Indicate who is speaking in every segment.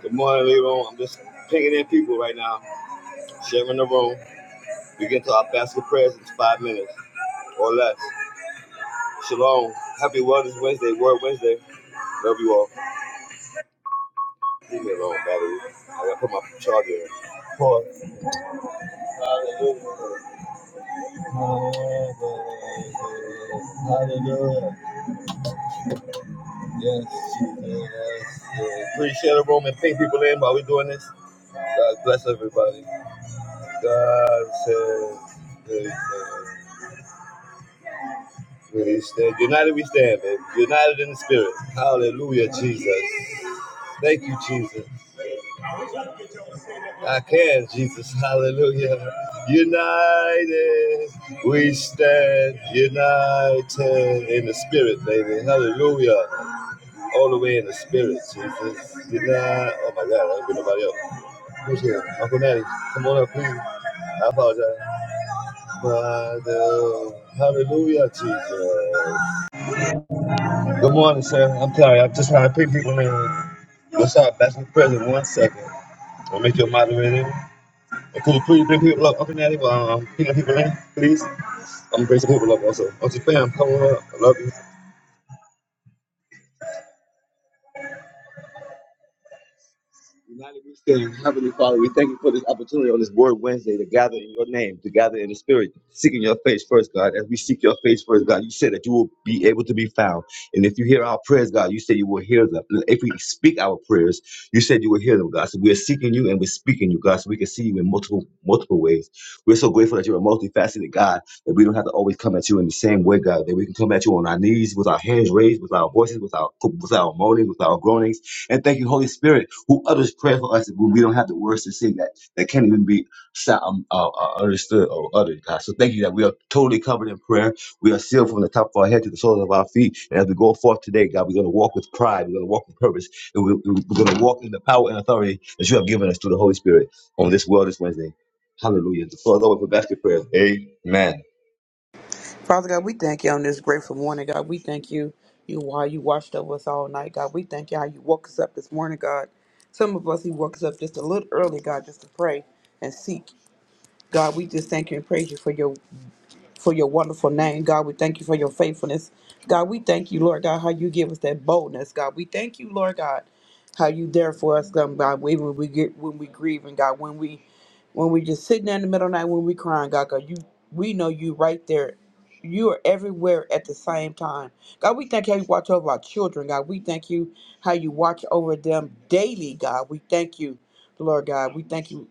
Speaker 1: Good morning, Leroy. I'm just pinging in people right now, sharing the room. We get to our basket prayers in five minutes or less. Shalom. Happy Wellness Wednesday, Word Wednesday. Love you all. Leave me alone, battery. I gotta put my charger in. Pause. Hallelujah. Hallelujah. Yes, Jesus. Yes. Please share the room and ping people in while we're doing this. God bless everybody. God says, good things. We stand united. We stand, baby. United in the spirit. Hallelujah, Jesus. Thank you, Jesus. I can, Jesus. Hallelujah. United, we stand. United in the spirit, baby. Hallelujah. All the way in the spirit, Jesus. United. Oh my God, I don't think nobody else. Who's here? Uncle Natty, come on up, please. I apologize. Father, hallelujah, Jesus. Good morning, sir. I'm sorry. I'm just trying to pick people in. What's up? That's the president. One second. I'll make you a moderator. And Could you please bring people up up in that? Um, picking people in, please. I'm bringing some people up also. Also, fam, come on up. I love you. United we stand. Heavenly Father, we thank you for this opportunity on this Word Wednesday to gather in your name, to gather in the Spirit, seeking your face first, God. As we seek your face first, God, you said that you will be able to be found. And if you hear our prayers, God, you said you will hear them. And If we speak our prayers, you said you will hear them, God. So we are seeking you and we're speaking you, God, so we can see you in multiple multiple ways. We're so grateful that you're a multifaceted God, that we don't have to always come at you in the same way, God, that we can come at you on our knees, with our hands raised, with our voices, with our with our moaning, with our groanings and thank you, Holy Spirit, who utters prayer for us when we don't have the words to sing that that can't even be sou- um, uh, uh, understood or uttered, God. So thank you that we are totally covered in prayer. We are sealed from the top of our head to the soles of our feet. And as we go forth today, God, we're going to walk with pride. We're going to walk with purpose. And we- we- are going to walk in the power and authority that you have given us through the Holy Spirit on this world this Wednesday. Hallelujah. The floor is open for basket prayer. Amen.
Speaker 2: Father God, we thank you on this grateful morning, God. We thank you, you why you watched over us all night, God. We thank you how you woke us up this morning, God. Some of us, you woke us up just a little early, God, just to pray and seek. God, we just thank you and praise you for your for your wonderful name. God, we thank you for your faithfulness. God, we thank you, Lord God, how you give us that boldness. God, we thank you, Lord God, how you there for us, God, God when we get when we grieve and God, when we when we just sitting there in the middle of the night when we crying, God, God, you we know you right there. You are everywhere at the same time. God, we thank you how you watch over our children, God. We thank you how you watch over them daily, God. We thank you, Lord God. We thank you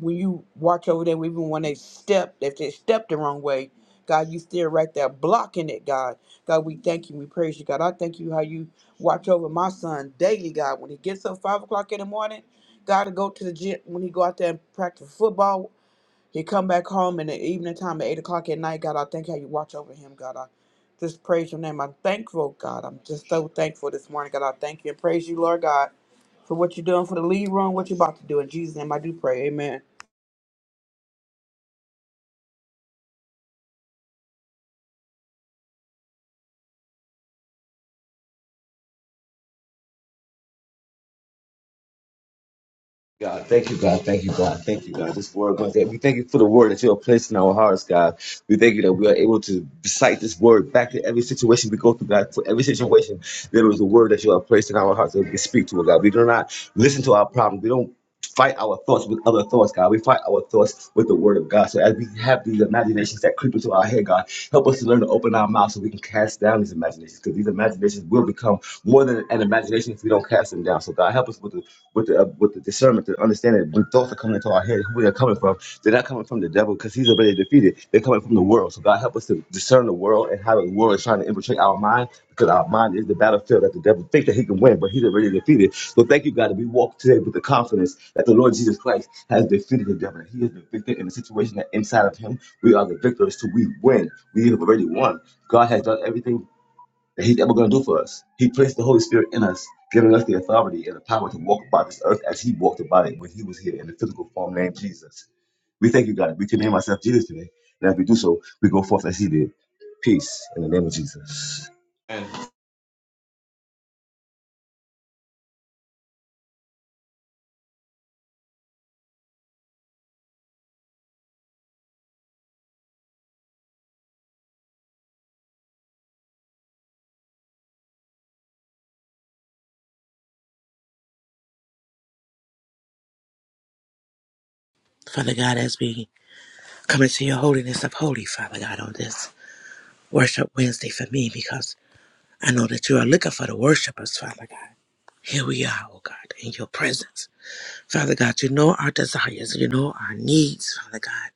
Speaker 2: when you watch over them, even when they step, if they step the wrong way. God, you still right there blocking it, God. God, we thank you. We praise you, God. I thank you how you watch over my son daily, God. When he gets up five o'clock in the morning, God to go to the gym. When he go out there and practice football, he come back home in the evening time at eight o'clock at night. God, I thank how you watch over him, God. I just praise your name. I'm thankful, God. I'm just so thankful this morning, God. I thank you and praise you, Lord God, for what you're doing for the lead room, what you're about to do. In Jesus' name, I do pray. Amen.
Speaker 1: God, thank you, God. Thank you, God. Thank you, God. This word, God, that we thank you for the word that you have placed in our hearts, God. We thank you that we are able to recite this word back to every situation we go through, God. For every situation, there is a word that you have placed in our hearts that we can speak to, God. We do not listen to our problems. We don't fight our thoughts with other thoughts, God. We fight our thoughts with the word of God. So as we have these imaginations that creep into our head, God, help us to learn to open our mouth so we can cast down these imaginations. Because these imaginations will become more than an imagination if we don't cast them down. So God, help us with the with the uh, with the discernment to understand that when thoughts are coming into our head, who they're coming from, they're not coming from the devil because he's already defeated. They're coming from the world. So God, help us to discern the world and how the world is trying to infiltrate our mind because our mind is the battlefield that the devil thinks that he can win, but he's already defeated. So thank you, God, that we walk today with the confidence that the Lord Jesus Christ has defeated the devil. That he is the victor in the situation that inside of him we are the victors. So we win. We have already won. God has done everything that he's ever going to do for us. He placed the Holy Spirit in us, giving us the authority and the power to walk about this earth as he walked about it when he was here in the physical form named Jesus. We thank you, God. that We can name ourselves Jesus today. And as we do so, we go forth as he did. Peace in the name of Jesus.
Speaker 3: Father God, as we come into your holiness of holy, Father God, on this worship Wednesday for me, because I know that you are looking for the worshipers, Father God. Here we are, oh God, in your presence. Father God, you know our desires, you know our needs, Father God.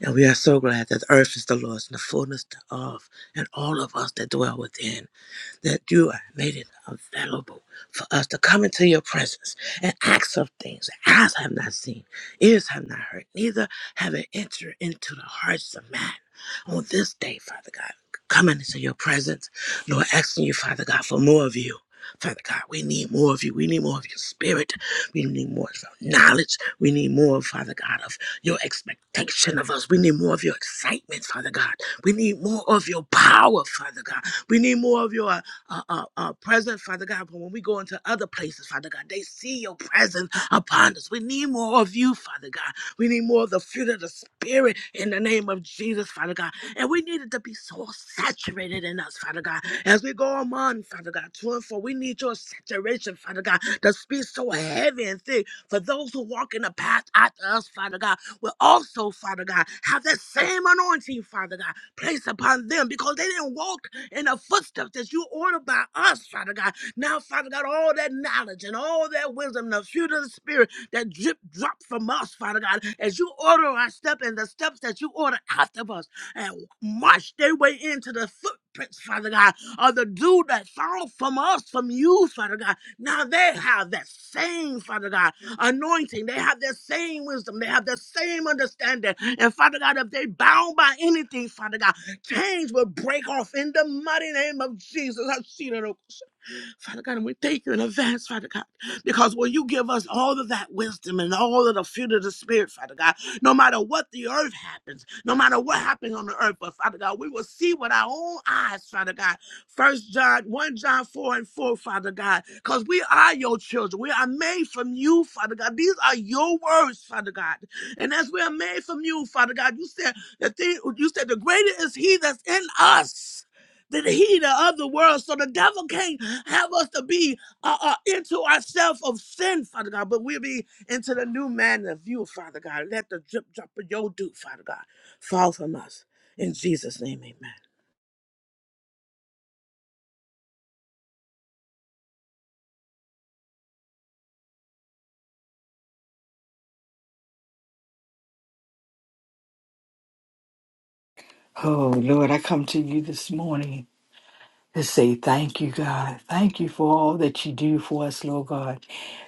Speaker 3: And we are so glad that the earth is the Lord's and the fullness thereof, and all of us that dwell within that you have made it available for us to come into your presence and ask of things that eyes have not seen, ears have not heard, neither have it entered into the hearts of man. On this day, Father God, coming into your presence, Lord, asking you, Father God, for more of you. Father God, we need more of you. We need more of your spirit. We need more of your knowledge. We need more, Father God, of your expectation of us. We need more of your excitement, Father God. We need more of your power, Father God. We need more of your uh, uh, uh, presence, Father God. But when we go into other places, Father God, they see your presence upon us. We need more of you, Father God. We need more of the fruit of the Spirit in the name of Jesus, Father God. And we need it to be so saturated in us, Father God. As we go on, Father God, to and fro, we need your saturation, Father God, to be so heavy and thick for those who walk in the path after us, Father God, will also, Father God, have that same anointing, Father God, placed upon them because they didn't walk in the footsteps that you ordered by us, Father God. Now, Father God, all that knowledge and all that wisdom, the fruit of the Spirit that drip drop from us, Father God, as you order our step and the steps that you order after us and march their way into the footprints, Father God, of the dew that fall from us, from you, Father God. Now they have that same, Father God, anointing. They have that same wisdom. They have the same understanding. And Father God, if they bound by anything, Father God, Chains will break off in the mighty name of Jesus. I see that. oh, Father God, and we thank you in advance, Father God, because when you give us all of that wisdom and all of the fruit of the Spirit, Father God, no matter what the earth happens, no matter what happens on the earth, but Father God, we will see with our own eyes, Father God. First John, 1 John 4 and 4, Father God, because we are your children. We are made from you, Father God. These are your words, Father God. And as we are made from you, Father God, you said the thing you said the greater is he that's in us than he that of the world. So the devil can't have us to be uh, uh, into ourselves of sin, Father God, but we'll be into the new man of you, Father God. Let the drip drop of your dew, Father God, fall from us. In Jesus' name, amen.
Speaker 4: Oh, Lord, I come to you this morning to say thank you, God. Thank you for all that you do for us, Lord God.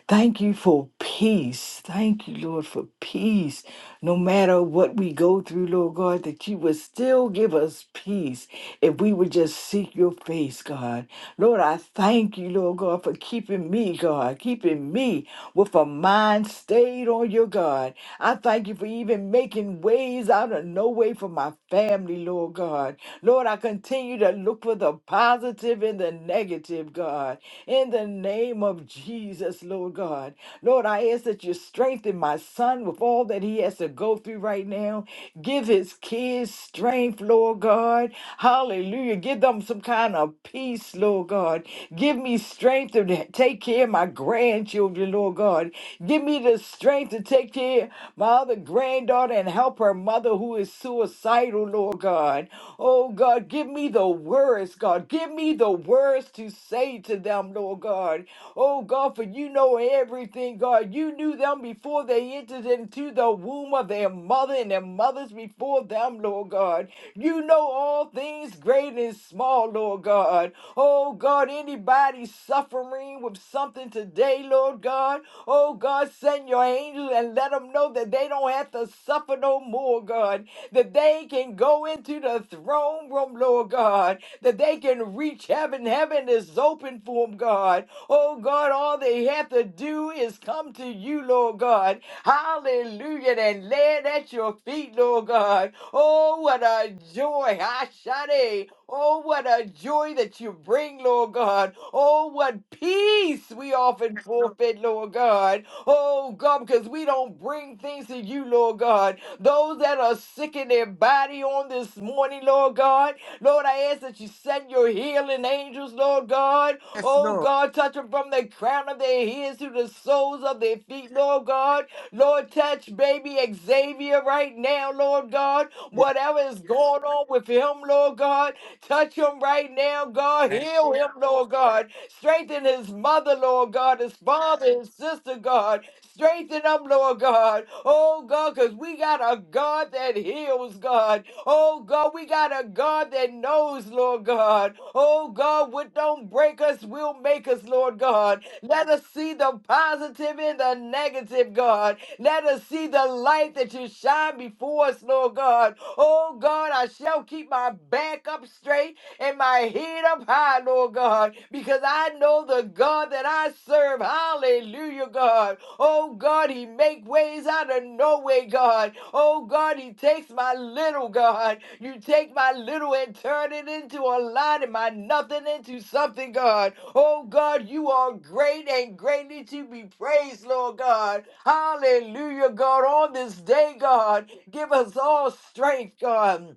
Speaker 4: Thank you for peace. Thank you, Lord, for peace. No matter what we go through, Lord God, that you would still give us peace if we would just seek your face, God. Lord, I thank you, Lord God, for keeping me, God, keeping me with a mind stayed on your God. I thank you for even making ways out of no way for my family family, Lord God. Lord, I continue to look for the positive and the negative, God. In the name of Jesus, Lord God. Lord, I ask that you strengthen my son with all that he has to go through right now. Give his kids strength, Lord God. Hallelujah. Give them some kind of peace, Lord God. Give me strength to take care of my grandchildren, Lord God. Give me the strength to take care of my other granddaughter and help her mother who is suicidal, Lord God. Oh God, give me the words, God. Give me the words to say to them, Lord God. Oh God, for you know everything, God. You knew them before they entered into the womb of their mother and their mothers before them, Lord God. You know all things great and small, Lord God. Oh God, anybody suffering with something today, Lord God. Oh God, send your angels and let them know that they don't have to suffer no more, God. That they can go into the throne room, Lord God. That they can reach heaven. Heaven is open for them, God. Oh God, all they have to do is come to you, Lord God. Hallelujah. And lay it at your feet, Lord God. Oh, what a joy. Ashade. Oh, what a joy that you bring, Lord God. Oh, what peace we often forfeit, Lord God. Oh, God, because we don't bring things to you, Lord God. Those that are sick in their body on this morning, Lord God. Lord, I ask that you send your healing angels, Lord God.
Speaker 3: Yes,
Speaker 4: Oh,
Speaker 3: Lord.
Speaker 4: God, touch them from the crown of their heads to the soles of their feet, Lord God. Lord, touch baby Xavier right now, Lord God.
Speaker 3: Yes,
Speaker 4: Whatever is going on with him, Lord God, touch him right now, God.
Speaker 3: thank
Speaker 4: Heal him, Lord God. Strengthen his mother, Lord God, his father, his sister, God. Strengthen them, Lord God. Oh, God, because we got a God that heals, God. Oh, God, we got a God that knows, Lord God. Oh, God, what don't break us will make us, Lord God. Let us see the positive and the negative, God. Let us see the light that you shine before us, Lord God. Oh God, I shall keep my back up straight and my head up high, Lord God, because I know the God that I serve. Hallelujah, God. Oh God, He make ways out of no way, God. Oh God, He takes my little, God. You take my little and turn it into a lot, and my nothing into something, God. Oh God, you are great and greatly to be praised, Lord God. Hallelujah, God. On this day, God, give us all strength, God.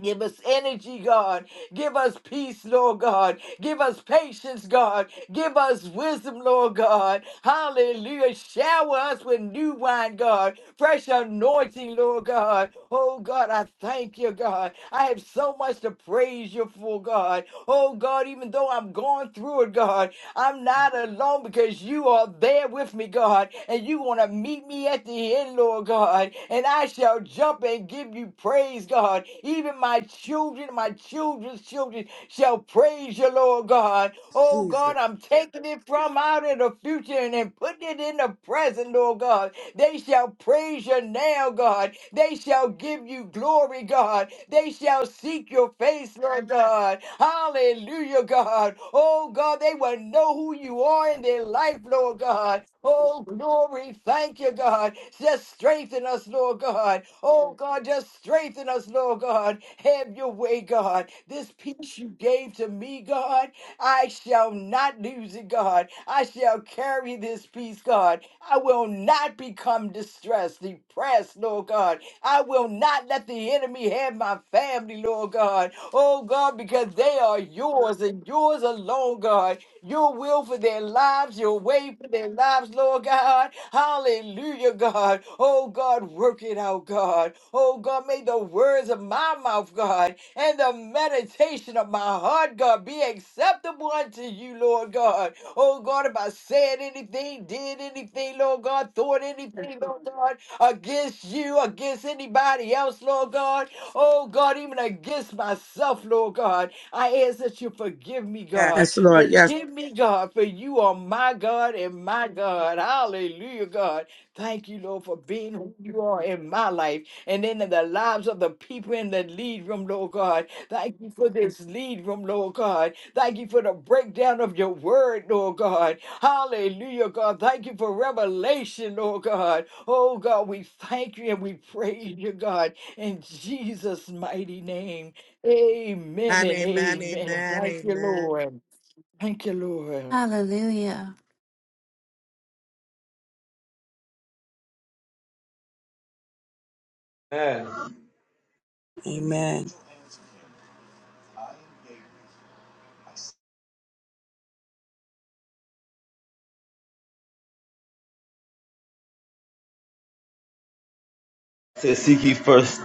Speaker 4: Give us energy, God. Give us peace, Lord God. Give us patience, God. Give us wisdom, Lord God. Hallelujah. Shower us with new wine, God. Fresh anointing, Lord God. Oh, God, I thank you, God. I have so much to praise you for, God. Oh, God, even though I'm going through it, God, I'm not alone because you are there with me, God, and you want to meet me at the end, Lord God, and I shall jump and give you praise, God. Even my children, my children's children shall praise you, Lord God. Oh,
Speaker 3: you, Jesus.
Speaker 4: God, I'm taking it from out in the future and then putting it in the present, Lord God. They shall praise you now, God. They shall give you glory, God. They shall seek your face, Lord God. Hallelujah, God. Oh, God, they will know who you are in their life, Lord God. Oh, glory. Thank you, God. Just strengthen us, Lord God. Oh, God, just strengthen us, Lord God. Have your way, God. This peace you gave to me, God. I shall not lose it, God. I shall carry this peace, God. I will not become distressed, depressed, Lord God. I will not let the enemy have my family, Lord God. Oh, God, because they are yours and yours alone, God your will for their lives, your way for their lives, Lord God. Hallelujah, God. Oh, God, work it out, God. Oh, God, may the words of my mouth, God, and the meditation of my heart, God, be acceptable unto you, Lord God. Oh, God, if I said anything, did anything, Lord God, thought anything, Lord God, against you, against anybody else, Lord God. Oh, God, even against myself, Lord God. I ask that you forgive me,
Speaker 3: Yes.
Speaker 4: God.
Speaker 3: Yes, Lord. Yes.
Speaker 4: Forgive me, God, for you are my God and my God. Hallelujah, God. Thank you, Lord, for being who you are in my life and in the lives of the people in the lead room, Lord God. Thank you for this lead room, Lord God. Thank you for the breakdown of your word, Lord God. Hallelujah, God. Thank you for revelation, Lord God. Oh, God, we thank you and we praise you, God, in Jesus' mighty name. Amen
Speaker 3: And
Speaker 4: and
Speaker 3: amen,
Speaker 4: amen.
Speaker 3: amen,
Speaker 4: Thank you,
Speaker 3: amen.
Speaker 4: Lord. Thank you, Lord.
Speaker 5: Hallelujah.
Speaker 2: Amen.
Speaker 1: says, Seek ye first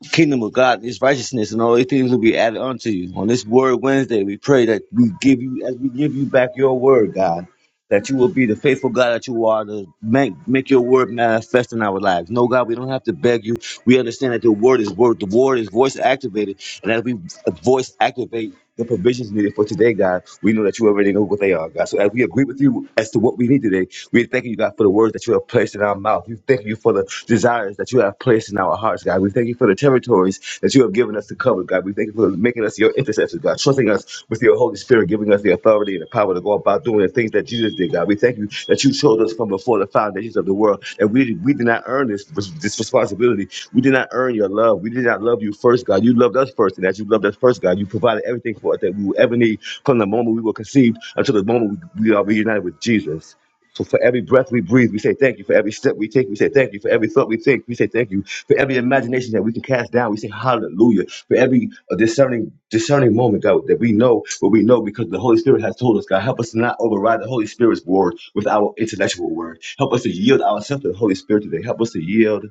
Speaker 1: the kingdom of God and his righteousness, and all these things will be added unto you. On this Word Wednesday, we pray that we give you, as we give you back your word, God, that you will be the faithful God that you are to make, make your word manifest in our lives. No, God, we don't have to beg you. We understand that the word is word, the word is voice activated, and as we voice activate, the provisions needed for today, God. We know that you already know what they are, God. So as we agree with you as to what we need today, we thank you, God, for the words that you have placed in our mouth. We thank you for the desires that you have placed in our hearts, God. We thank you for the territories that you have given us to cover, God. We thank you for making us your intercessors, God, trusting us with your Holy Spirit, giving us the authority and ability and the power to go about doing the things that Jesus did, God. We thank you that you showed us from before the foundations of the world. And we, we did not earn this, this responsibility. We did not earn your love. We did not love you first, God. You loved us first. And as you loved us first, God, you provided everything for us that we would ever need from the moment we were conceived until the moment we, we are reunited with Jesus. So for every breath we breathe, we say thank you. For every step we take, we say thank you. For every thought we think, we say thank you. For every imagination that we can cast down, we say hallelujah. For every uh, discerning discerning moment, God, that we know what we know because the Holy Spirit has told us, God, help us to not override the Holy Spirit's word with our intellectual word. Help us to yield ourselves to the Holy Spirit today. Help us to yield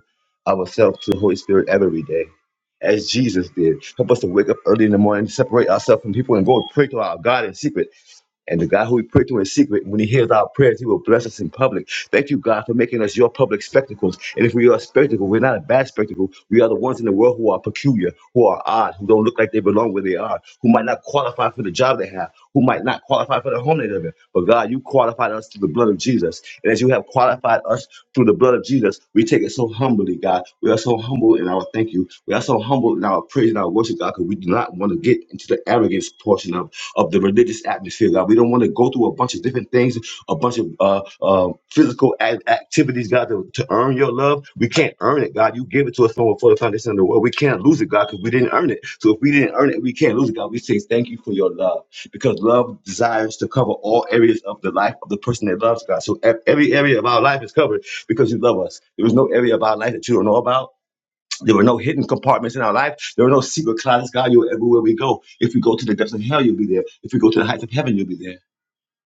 Speaker 1: ourselves to the Holy Spirit every day. As Jesus did. Help us to wake up early in the morning, separate ourselves from people, and go and pray to our God in secret and the God who we pray to in secret, when He hears our prayers, He will bless us in public. Thank you, God, for making us your public spectacles. And if we are a spectacle, we're not a bad spectacle. We are the ones in the world who are peculiar, who are odd, who don't look like they belong where they are, who might not qualify for the job they have, who might not qualify for the home they live in. But God, you qualified us through the blood of Jesus. And as you have qualified us through the blood of Jesus, we take it so humbly, God. We are so humble in our thank you. We are so humble in our and our praise and our worship, God, because we do not want to get into the arrogance portion of, of the religious atmosphere, God. We don't want to go through a bunch of different things, a bunch of uh, uh, physical act- activities, God, to, to earn your love. We can't earn it, God. You give it to us from before the foundation of the world. We can't lose it, God, because we didn't earn it. So if we didn't earn it, we can't lose it, God. We say thank you for your love because love desires to cover all areas of the life of the person that loves God. So ev- every area of our life is covered because you love us. There is no area of our life that you don't know about. There were no hidden compartments in our life. There were no secret closets. God, you're everywhere we go. If we go to the depths of hell, you'll be there. If we go to the heights of heaven, you'll be there.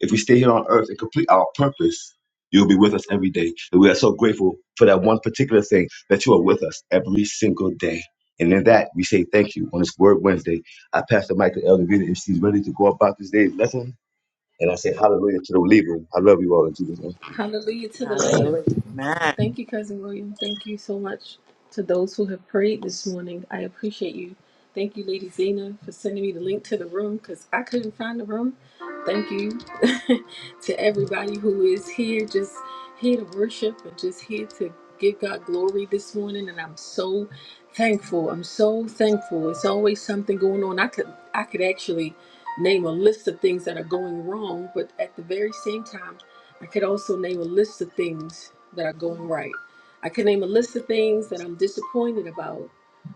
Speaker 1: If we stay here on earth and complete our purpose, you'll be with us every day. And we are so grateful for that one particular thing that you are with us every single day. And in that, we say thank you on this Word Wednesday. I pass the mic to Elder Vita if she's ready to go about this day's lesson. And I say hallelujah to the believer. I love you all in Jesus' name.
Speaker 6: Hallelujah to the Lamb.
Speaker 3: Hallelujah. Amen.
Speaker 6: Thank you, Cousin William. Thank you so much to those who have prayed this morning. I appreciate you. Thank you, Lady Zena, for sending me the link to the room because I couldn't find the room. Thank you to everybody who is here, just here to worship and just here to give God glory this morning. And I'm so thankful. I'm so thankful. It's always something going on. I could I could actually name a list of things that are going wrong, but at the very same time. I could also name a list of things that are going right. I could name a list of things that I'm disappointed about,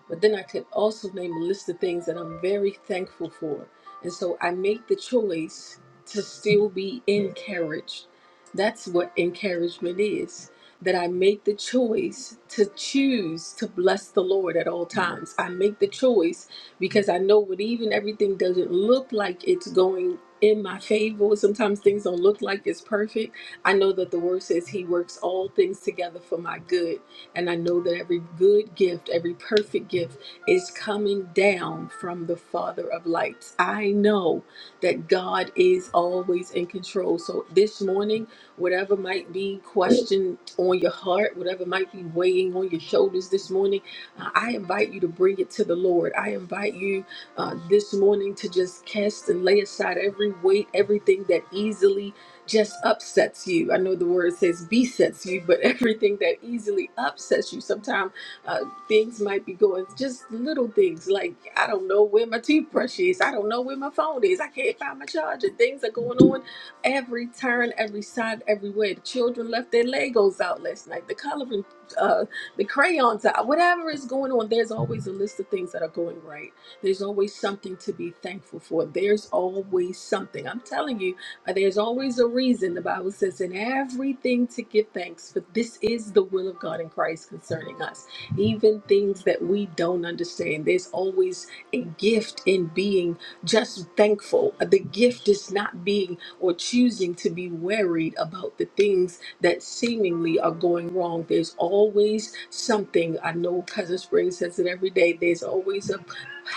Speaker 6: but then I could also name a list of things that I'm very thankful for. And so I make the choice to still be encouraged. That's what encouragement is. That I make the choice to choose to bless the Lord at all times. I make the choice because I know when even everything doesn't look like it's going in my favor, sometimes things don't look like it's perfect. I know that the word says he works all things together for my good. And I know that every good gift, every perfect gift is coming down from the Father of lights. I know that God is always in control. So this morning, whatever might be questioned on your heart, whatever might be weighing on your shoulders this morning, uh, I invite you to bring it to the Lord. I invite you uh, this morning to just cast and lay aside every weight, everything that easily just upsets you. I know the word says besets you, but everything that easily upsets you, sometimes uh, things might be going just little things like I don't know where my toothbrush is, I don't know where my phone is, I can't find my charger. Things are going on every turn, every side, everywhere. The children left their Legos out last night, the coloring, uh, the crayons out, whatever is going on. There's always a list of things that are going right. There's always something to be thankful for. There's always something. I'm telling you uh, There's always a reason. The Bible says, in everything to give thanks, for this is the will of God in Christ concerning us. Even things that we don't understand, there's always a gift in being just thankful. The gift is not being or choosing to be worried about the things that seemingly are going wrong. There's always something. I know Cousin Spring says it every day. There's always a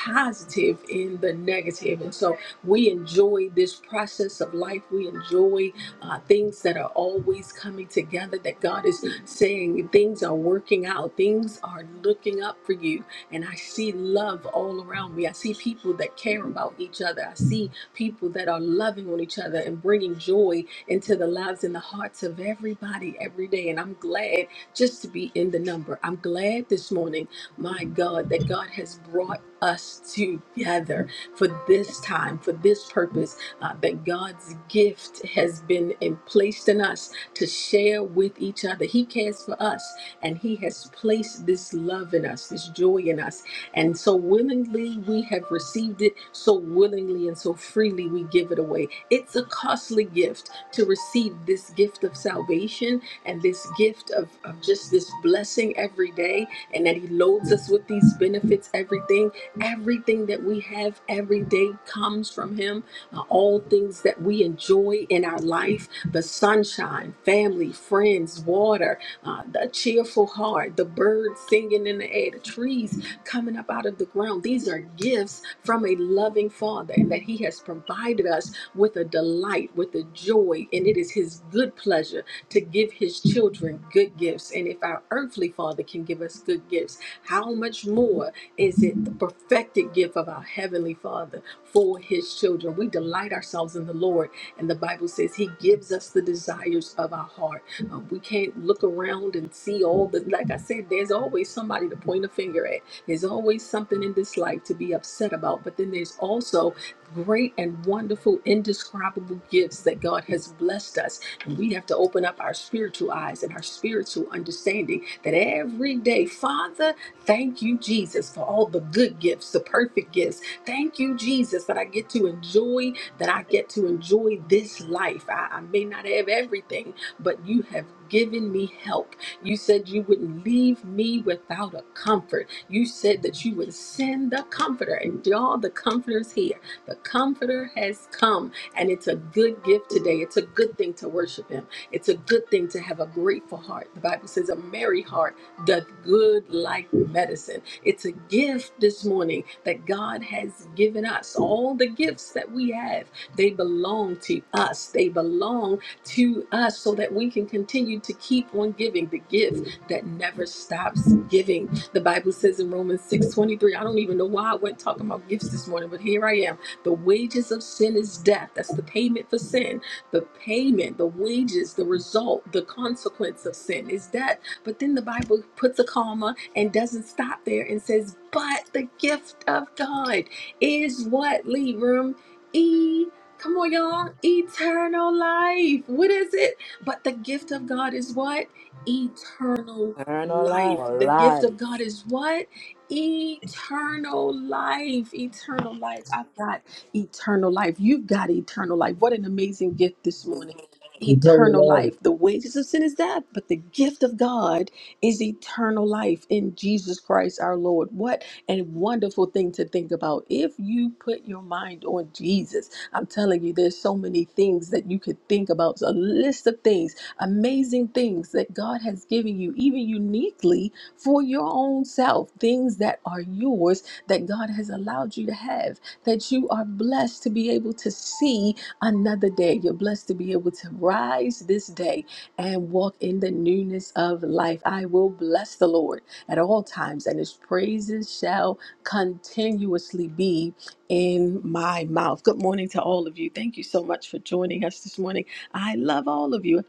Speaker 6: positive in the negative. And so we enjoy this process of life. We enjoy uh, things that are always coming together, that God is saying things are working out, things are looking up for you. And I see love all around me. I see people that care about each other. I see people that are loving on each other and bringing joy into the lives and the hearts of everybody every day. And I'm glad just to be in the number. I'm glad this morning, my God, that God has brought us together for this time, for this purpose, uh, that God's gift has been in, placed in us to share with each other. He cares for us and He has placed this love in us, this joy in us. And so willingly we have received it, so willingly and so freely we give it away. It's a costly gift to receive this gift of salvation and this gift of, of just this blessing every day, and that He loads us with these benefits everything Everything that we have every day comes from Him. Uh, All things that we enjoy in our life the sunshine, family, friends, water, uh, the cheerful heart, the birds singing in the air, the trees coming up out of the ground. These are gifts from a loving Father, and that He has provided us with a delight, with a joy, and it is His good pleasure to give His children good gifts. And if our earthly Father can give us good gifts, how much more? is it the perfected gift of our Heavenly Father for His children. We delight ourselves in the Lord, and the Bible says He gives us the desires of our heart. Uh, we can't look around and see all the, like I said, there's always somebody to point a finger at. There's always something in this life to be upset about, but then there's also great and wonderful, indescribable gifts that God has blessed us. And we have to open up our spiritual eyes and our spiritual understanding that every day, Father, Thank you, Jesus, for all the good gifts, the perfect gifts. Thank you, Jesus, that I get to enjoy, that I get to enjoy this life. I, I may not have everything, but you have given me help. You said you wouldn't leave me without a comfort. You said that you would send the comforter, and y'all, the comforter's here. The comforter has come, and it's a good gift today. It's a good thing to worship him. It's a good thing to have a grateful heart. The Bible says a merry heart Doth good like medicine. It's a gift this morning that God has given us. All the gifts that we have, they belong to us. They belong to us so that we can continue to keep on giving the gift that never stops giving. The Bible says in Romans 6:23, I don't even know why I wasn't talking about gifts this morning, but here I am. The wages of sin is death. That's the payment for sin. The payment, the wages, the result, the consequence of sin is death. But then the Bible puts a comma and doesn't stop there and says, But the gift of God is what? Leave room. E. Come on, y'all. Eternal life. What is it? But the gift of God is what? Eternal
Speaker 3: Eternal life.
Speaker 6: life.
Speaker 3: For
Speaker 6: The gift
Speaker 3: life.
Speaker 6: of God is what? Eternal life. Eternal life. I've got eternal life. You've got eternal life. What an amazing gift this morning eternal life. The wages of sin is death, but the gift of God is eternal life in Jesus Christ our Lord. What a wonderful thing to think about. If you put your mind on Jesus, I'm telling you, there's so many things that you could think about. A list of things, amazing things that God has given you, even uniquely for your own self, things that are yours that God has allowed you to have, that you are blessed to be able to see another day. You're blessed to be able to rise this day and walk in the newness of life. I will bless the Lord at all times, and his praises shall continuously be in my mouth. Good morning to all of you. Thank you so much for joining us this morning. I love all of you.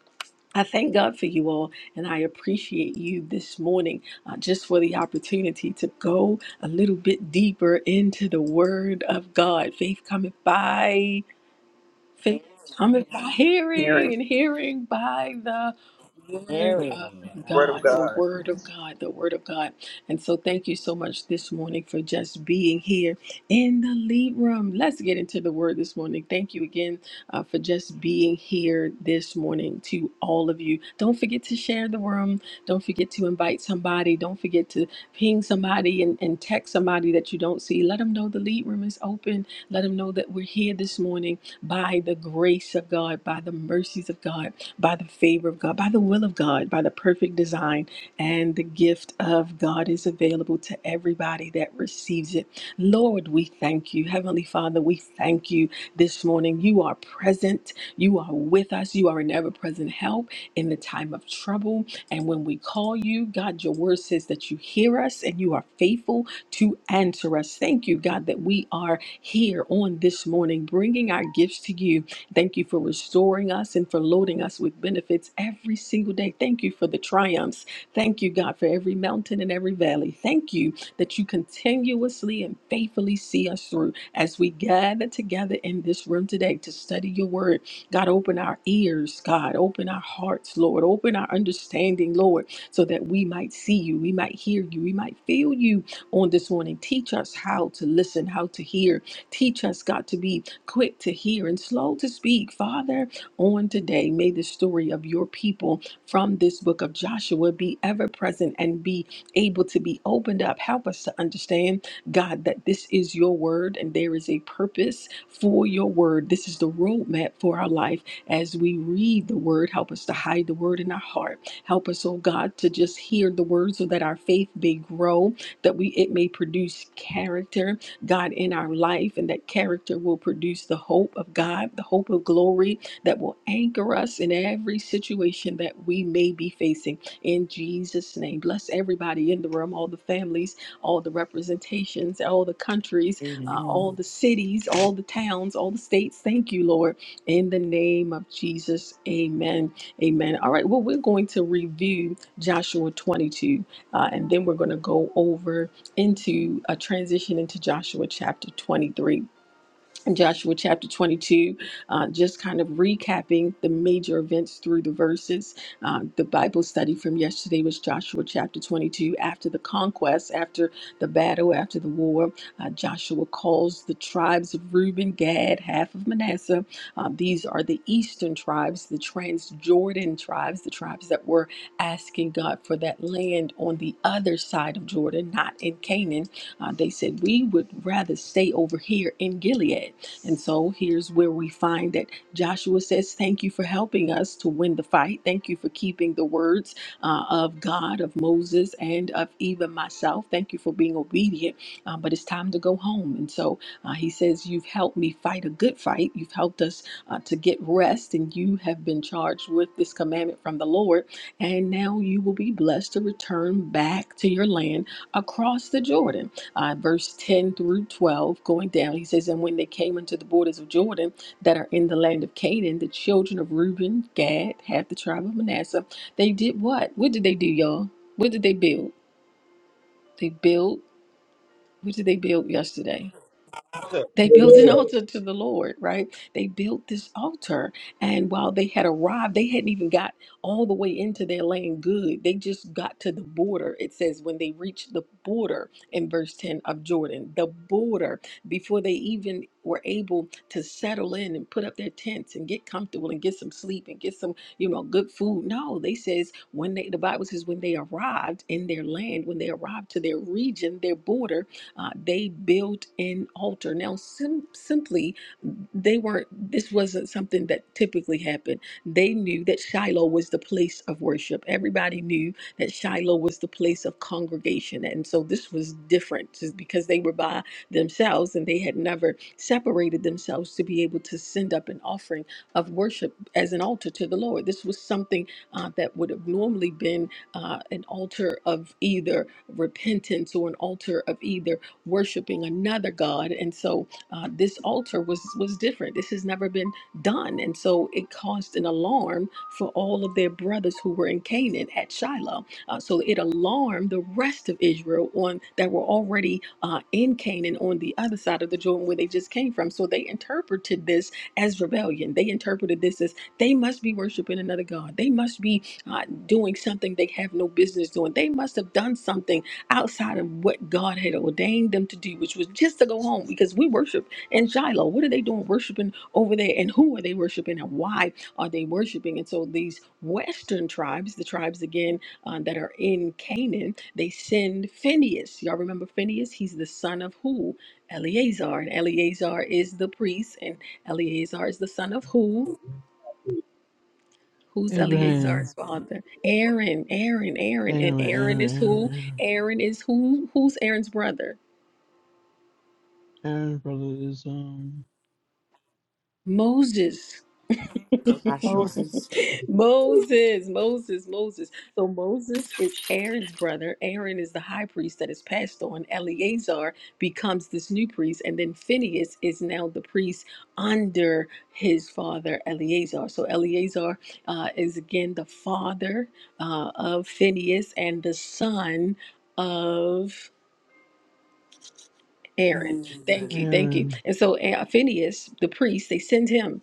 Speaker 6: I thank God for you all, and I appreciate you this morning uh, just for the opportunity to go a little bit deeper into the Word of God. Faith cometh by Faith cometh by
Speaker 2: Hearing
Speaker 6: hearing, and hearing by the word
Speaker 3: Hearing.
Speaker 6: of
Speaker 2: the word
Speaker 3: God.
Speaker 2: of
Speaker 6: God, the
Speaker 2: God.
Speaker 6: word of God, the word of God. And so, thank you so much this morning for just being here in the lead room. Let's get into the word this morning. Thank you again uh, for just being here this morning to all of you. Don't forget to share the room. Don't forget to invite somebody. Don't forget to ping somebody and, and text somebody that you don't see. Let them know the lead room is open. Let them know that we're here this morning by the grace of God, by the mercies of God, by the favor of God, by the will of God, by the perfect design, and the gift of God is available to everybody that receives it. Lord, we thank you. Heavenly Father, we thank you this morning. You are present, you are with us, you are an ever present help in the time of trouble. And when we call you, God, your word says that you hear us and you are faithful to answer us. Thank you, God, that we are here on this morning, bringing our gifts to you. Thank you for restoring us and for loading us with benefits every single day. Thank you for the triumphs. Thank you, God, for every mountain and every valley. Thank you that you continuously and faithfully see us through as we gather together in this room today to study your word. God, open our ears, God, open our hearts, Lord, open our understanding, Lord, so that we might see you, we might hear you, we might feel you on this morning. Teach us how to listen, how to hear, Teach us, God, to be quick to hear and slow to speak. Father, on today, may the story of your people from this book of Joshua be ever present and be able to be opened up. Help us to understand, God, that this is your word and there is a purpose for your word. This is the roadmap for our life as we read the word. Help us to hide the word in our heart. Help us, oh God, to just hear the word so that our faith may grow, that we it may produce character God, in our life, and that character will produce the hope of God, the hope of glory that will anchor us in every situation that we may be facing. In Jesus' name, bless everybody in the room, all the families, all the representations, all the countries, uh, all
Speaker 4: Amen.
Speaker 6: the cities, all the towns, all the states. Thank you, Lord. In the name of Jesus, amen. Amen. All right, well, we're going to review Joshua 22, uh, and then we're going to go over into a transition into Joshua chapter 23 in Joshua chapter 22, uh, just kind of recapping the major events through the verses. Uh, the Bible study from yesterday was Joshua chapter 22. After the conquest, after the battle, after the war, uh, Joshua calls the tribes of Reuben, Gad, half of Manasseh. Uh, these are the eastern tribes, the Transjordan tribes, the tribes that were asking God for that land on the other side of Jordan, not in Canaan. Uh, they said, We would rather stay over here in Gilead. And so here's where we find that Joshua says, Thank you for helping us to win the fight. Thank you for keeping the words uh, of God, of Moses, and of even myself. Thank you for being obedient. Um, but it's time to go home. And so uh, he says, You've helped me fight a good fight. You've helped us uh, to get rest, and you have been charged with this commandment from the Lord. And now you will be blessed to return back to your land across the Jordan uh, verse 10 through 12, going down, he says, And when they came unto the borders of Jordan that are in the land of Canaan, the children of Reuben, Gad, half the tribe of Manasseh, they did what? What did they do, y'all? What did they build? They built, what did they build yesterday? They built an
Speaker 1: Hallelujah.
Speaker 6: altar to the Lord, right? They built this altar. And while they had arrived, they hadn't even got all the way into their land good. They just got to the border. It says when they reached the border in verse 10 of Jordan, the border, before they even were able to settle in and put up their tents and get comfortable and get some sleep and get some, you know, good food. No, they says when they the Bible says when they arrived in their land, when they arrived to their region, their border, uh, they built an altar. Now, sim- simply, they weren't, this wasn't something that typically happened. They knew that Shiloh was the place of worship. Everybody knew that Shiloh was the place of congregation. And so this was different just because they were by themselves and they had never separated themselves to be able to send up an offering of worship as an altar to the Lord. This was something uh, that would have normally been uh, an altar of either repentance or an altar of either worshiping another god and so uh, this altar was was different this has never been done and so it caused an alarm for all of their brothers who were in canaan at shiloh uh, so it alarmed the rest of israel on that were already uh, in canaan on the other side of the jordan where they just came from so they interpreted this as rebellion they interpreted this as they must be worshiping another god they must be uh, doing something they have no business doing they must have done something outside of what God had ordained them to do, which was just to go home because we worship in Shiloh. What are they doing worshiping over there? And who are they worshiping and why are they worshiping? And so these Western tribes, the tribes again uh, that are in Canaan, they send Phineas. Y'all remember Phineas? He's the son of who? Eleazar. And Eleazar is the priest, and Eleazar is the son of who? Who's
Speaker 7: Abraham,
Speaker 6: Eleazar's father? Aaron, Aaron, Aaron.
Speaker 7: Aaron,
Speaker 6: And Aaron
Speaker 7: Aaron,
Speaker 6: is who?
Speaker 7: Aaron, Aaron,
Speaker 6: Aaron is who? Who's Aaron's brother?
Speaker 7: Aaron, brother is um
Speaker 6: Moses.
Speaker 3: Joshua.
Speaker 4: Moses.
Speaker 6: Moses, Moses, Moses. So Moses is Aaron's brother. Aaron is the high priest that is passed on. Eleazar becomes this new priest, and then Phineas is now the priest under his father Eleazar. So Eleazar uh, is again the father uh, of Phineas and the son of Aaron. Thank you, thank you.
Speaker 7: Aaron.
Speaker 6: And so uh, Phineas, the priest, they send him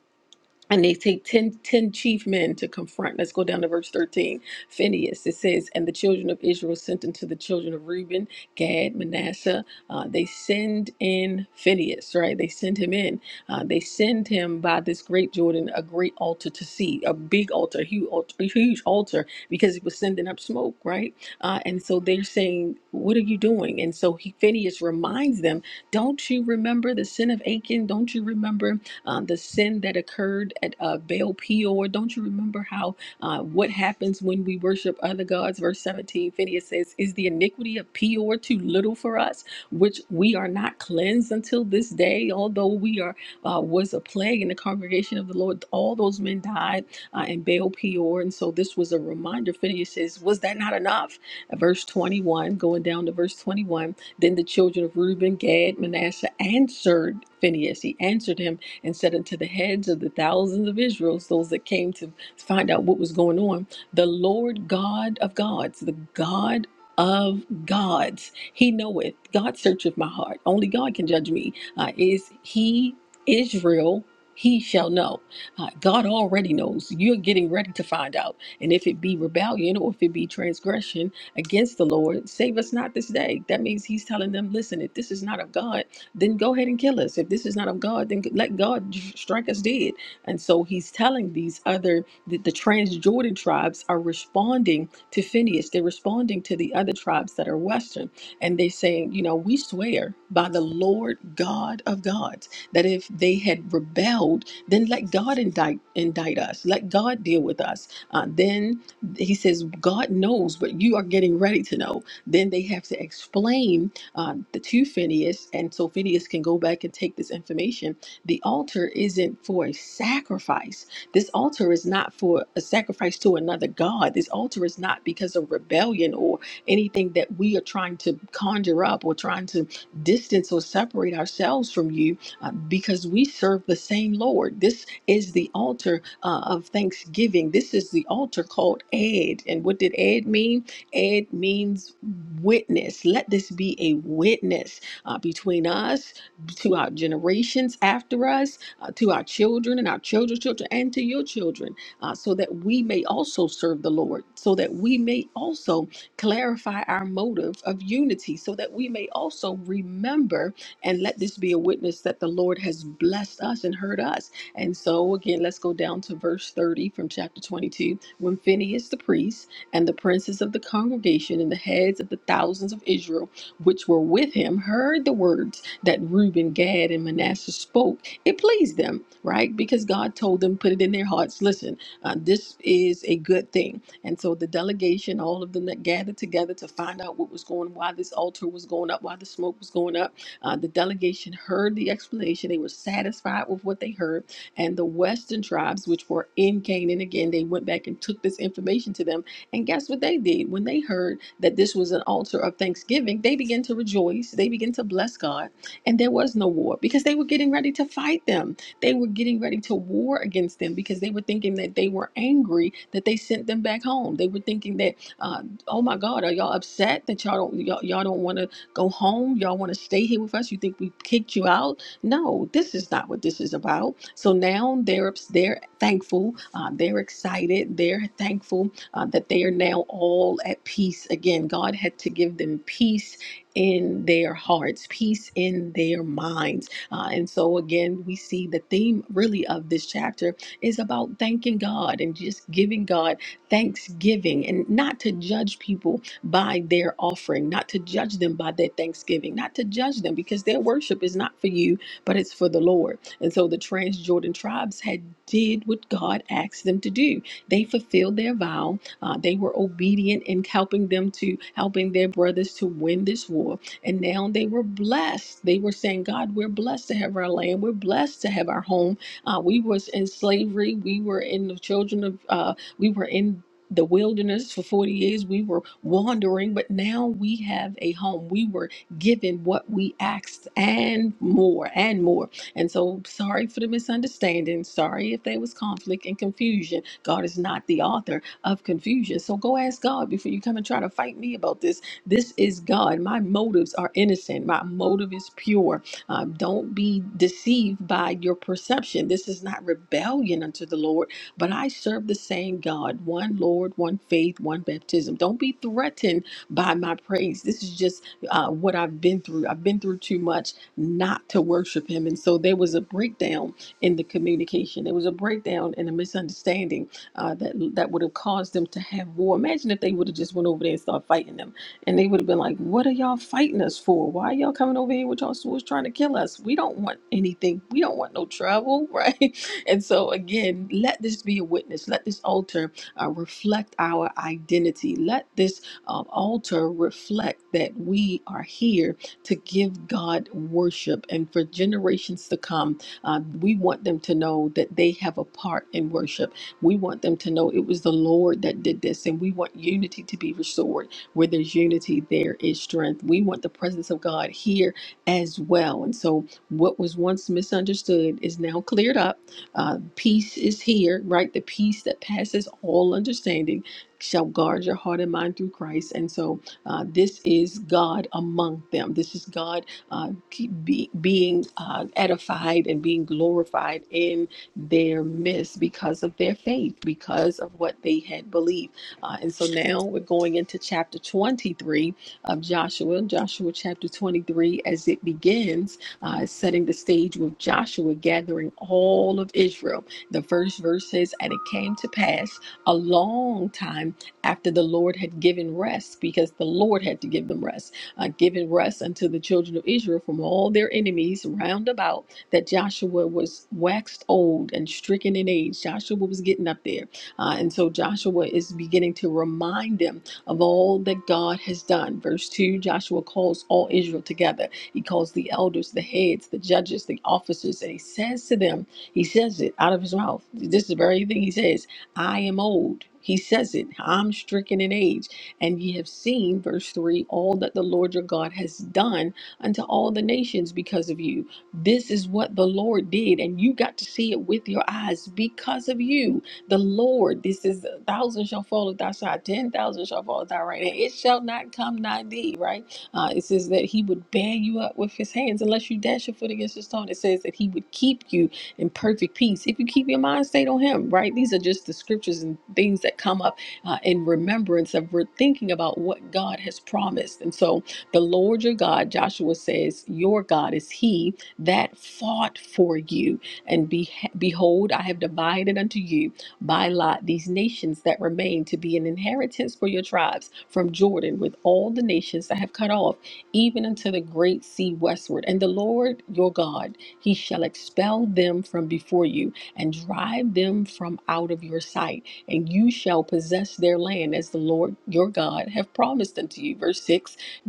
Speaker 6: and they take 10 10 chief men to confront. Let's go down to verse 13. Phineas, it says, And the children of Israel sent unto the children of Reuben, Gad, Manasseh. Uh, they send in Phineas, right? They send him in. Uh, they send him by this great Jordan, a great altar to see, a big altar, a huge altar, a huge altar because it was sending up smoke, right? Uh, and so they're saying, What are you doing? And so he, Phineas reminds them, Don't you remember the sin of Achan? Don't you remember? um, the sin that occurred at uh, Baal Peor. Don't you remember how uh, what happens when we worship other gods? Verse 17, Phineas says, Is the iniquity of Peor too little for us, which we are not cleansed until this day? Although we are uh, was a plague in the congregation of the Lord, all those men died uh, in Baal Peor. And so this was a reminder. Phineas says, Was that not enough? Uh, Verse 21, going down to verse 21, then the children of Reuben, Gad, Manasseh answered Phineas. He answered him and said unto the heads of the thousands of Israel's, those that came to find out what was going on, the Lord God of gods, the God of gods, he knoweth. God searcheth my heart. Only God can judge me. Uh, is he Israel? He shall know. Uh, God already knows. You're getting ready to find out. And if it be rebellion or if it be transgression, against the Lord. Save us not this day. That means he's telling them, listen, if this is not of God then go ahead and kill us. If this is not of God, then let God strike us dead. And so he's telling these other, the, the Transjordan tribes are responding to Phineas. They're responding to the other tribes that are Western. And they're saying, you know, we swear by the Lord God of gods that if they had rebelled, then let God indict, indict us. Let God deal with us. Uh, then he says, God knows, but you are getting ready to know. Then they have to explain uh, the to Phineas, and so Phineas can go back and take this information. The altar isn't for a sacrifice. This altar is not for a sacrifice to another god. This altar is not because of rebellion or anything that we are trying to conjure up or trying to distance or separate ourselves from you, uh, because we serve the same Lord. This is the altar uh, of thanksgiving. This is the altar called Ed. And what did Ed mean? It means witness. Let this be a witness uh, between us, to our generations after us, uh, to our children and our children's children, and to your children, uh, so that we may also serve the Lord, so that we may also clarify our motive of unity, so that we may also remember and let this be a witness that the Lord has blessed us and heard us. And so, again, let's go down to verse 30 from chapter 22. When Phineas the priest and the princes of the congregation and the heads of the thousands of Israel, which were with him, heard the words that Reuben, Gad, and Manasseh spoke. It pleased them, right? Because God told them, put it in their hearts. Listen, uh, this is a good thing. And so the delegation, all of them that gathered together to find out what was going, why this altar was going up, why the smoke was going up, uh, the delegation heard the explanation. They were satisfied with what they heard. And the Western tribes, which were in Canaan, again, they went back and took this information to them and guess what they did? When they heard that this was an altar of thanksgiving, they began to rejoice. They began to bless God. And there was no war because they were getting ready to fight them. They were getting ready to war against them because they were thinking that they were angry that they sent them back home. They were thinking that, uh, oh my God, are y'all upset that y'all don't y'all, y'all don't want to go home? Y'all want to stay here with us? You think we kicked you out? No, this is not what this is about. So now they're ups- they're thankful. Uh, they're excited. They're thankful uh, that they are now all at peace again. God had to give them peace in their hearts, peace in their minds. Uh, and so, again, we see the theme really of this chapter is about thanking God and just giving God thanksgiving and not to judge people by their offering, not to judge them by their thanksgiving, not to judge them because their worship is not for you, but it's for the Lord. And so the Transjordan tribes had did what God asked them to do. They fulfilled their vow uh, they were obedient in helping them to helping their brothers to win this war. And now they were blessed. They were saying, God, we're blessed to have our land. We're blessed to have our home. Uh, we was in slavery. We were in the children of uh, we were in the wilderness for 40 years we were wandering but now we have a home we were given what we asked and more and more and so sorry for the misunderstanding sorry if there was conflict and confusion god is not the author of confusion. So go ask God before you come and try to fight me about this. This is God. My motives are innocent, my motive is pure. Um, don't be deceived by your perception. This is not rebellion unto the Lord, but I serve the same God one Lord, one faith, one baptism. Don't be threatened by my praise. This is just uh, what I've been through. I've been through too much not to worship Him. And so there was a breakdown in the communication, there was a breakdown and a misunderstanding uh, that that would have caused them to have war. Imagine if they would have just went over there and started fighting them, and they would have been like, "What are y'all fighting us for? Why are y'all coming over here with y'all swords trying to kill us? We don't want anything. We don't want no trouble, right?" And so again, let this be a witness. Let this altar uh, reflect our identity. Let this um, altar reflect that we are here to give God worship, and for generations to come, uh, we want them to know that they have a part in worship we want them to know it was the Lord that did this, and we want unity to be restored. Where there's unity, there is strength. We want the presence of God here as well. And so, what was once misunderstood is now cleared up. Uh, peace is here, right? The peace that passes all understanding shall guard your heart and mind through Christ. And so, uh, this is God among them. This is God uh, keep be, being uh, edified and being glorified in their midst because of their faith, because of what they had believed. Uh, and so now we're going into chapter 23 of Joshua, Joshua chapter 23, as it begins, uh, setting the stage with Joshua gathering all of Israel. The first verse says, And it came to pass a long time after the Lord had given rest, because the Lord had to give them rest, uh, given rest unto the children of Israel from all their enemies round about that Joshua was waxed old and stricken in age. Joshua was getting up there. Uh, and so Joshua is beginning to remind them of all that God has done. Verse 2 Joshua calls all Israel together. He calls the elders, the heads, the judges, the officers, and he says to them, he says it out of his mouth. This is the very thing he says I am old. He says it, I'm stricken in age. And ye have seen, verse 3, all that the Lord your God has done unto all the nations because of you. This is what the Lord did, and you got to see it with your eyes because of you. The Lord, this is a thousand shall fall at thy side, ten thousand shall fall at thy right hand. It shall not come nigh thee, right? Uh, it says that he would bear you up with his hands unless you dash your foot against a stone. It says that he would keep you in perfect peace if you keep your mind stayed on him, right? These are just the scriptures and things that come up uh, in remembrance of we're thinking about what God has promised. And so the Lord your God, Joshua says, your God is he that fought for you. And be, behold, I have divided unto you by lot these nations that remain to be an inheritance for your tribes from Jordan with all the nations that have cut off, even unto the great sea westward. And the Lord your God, he shall expel them from before you and drive them from out of your sight. And you shall possess their land as the Lord your God have promised unto you. Verse 6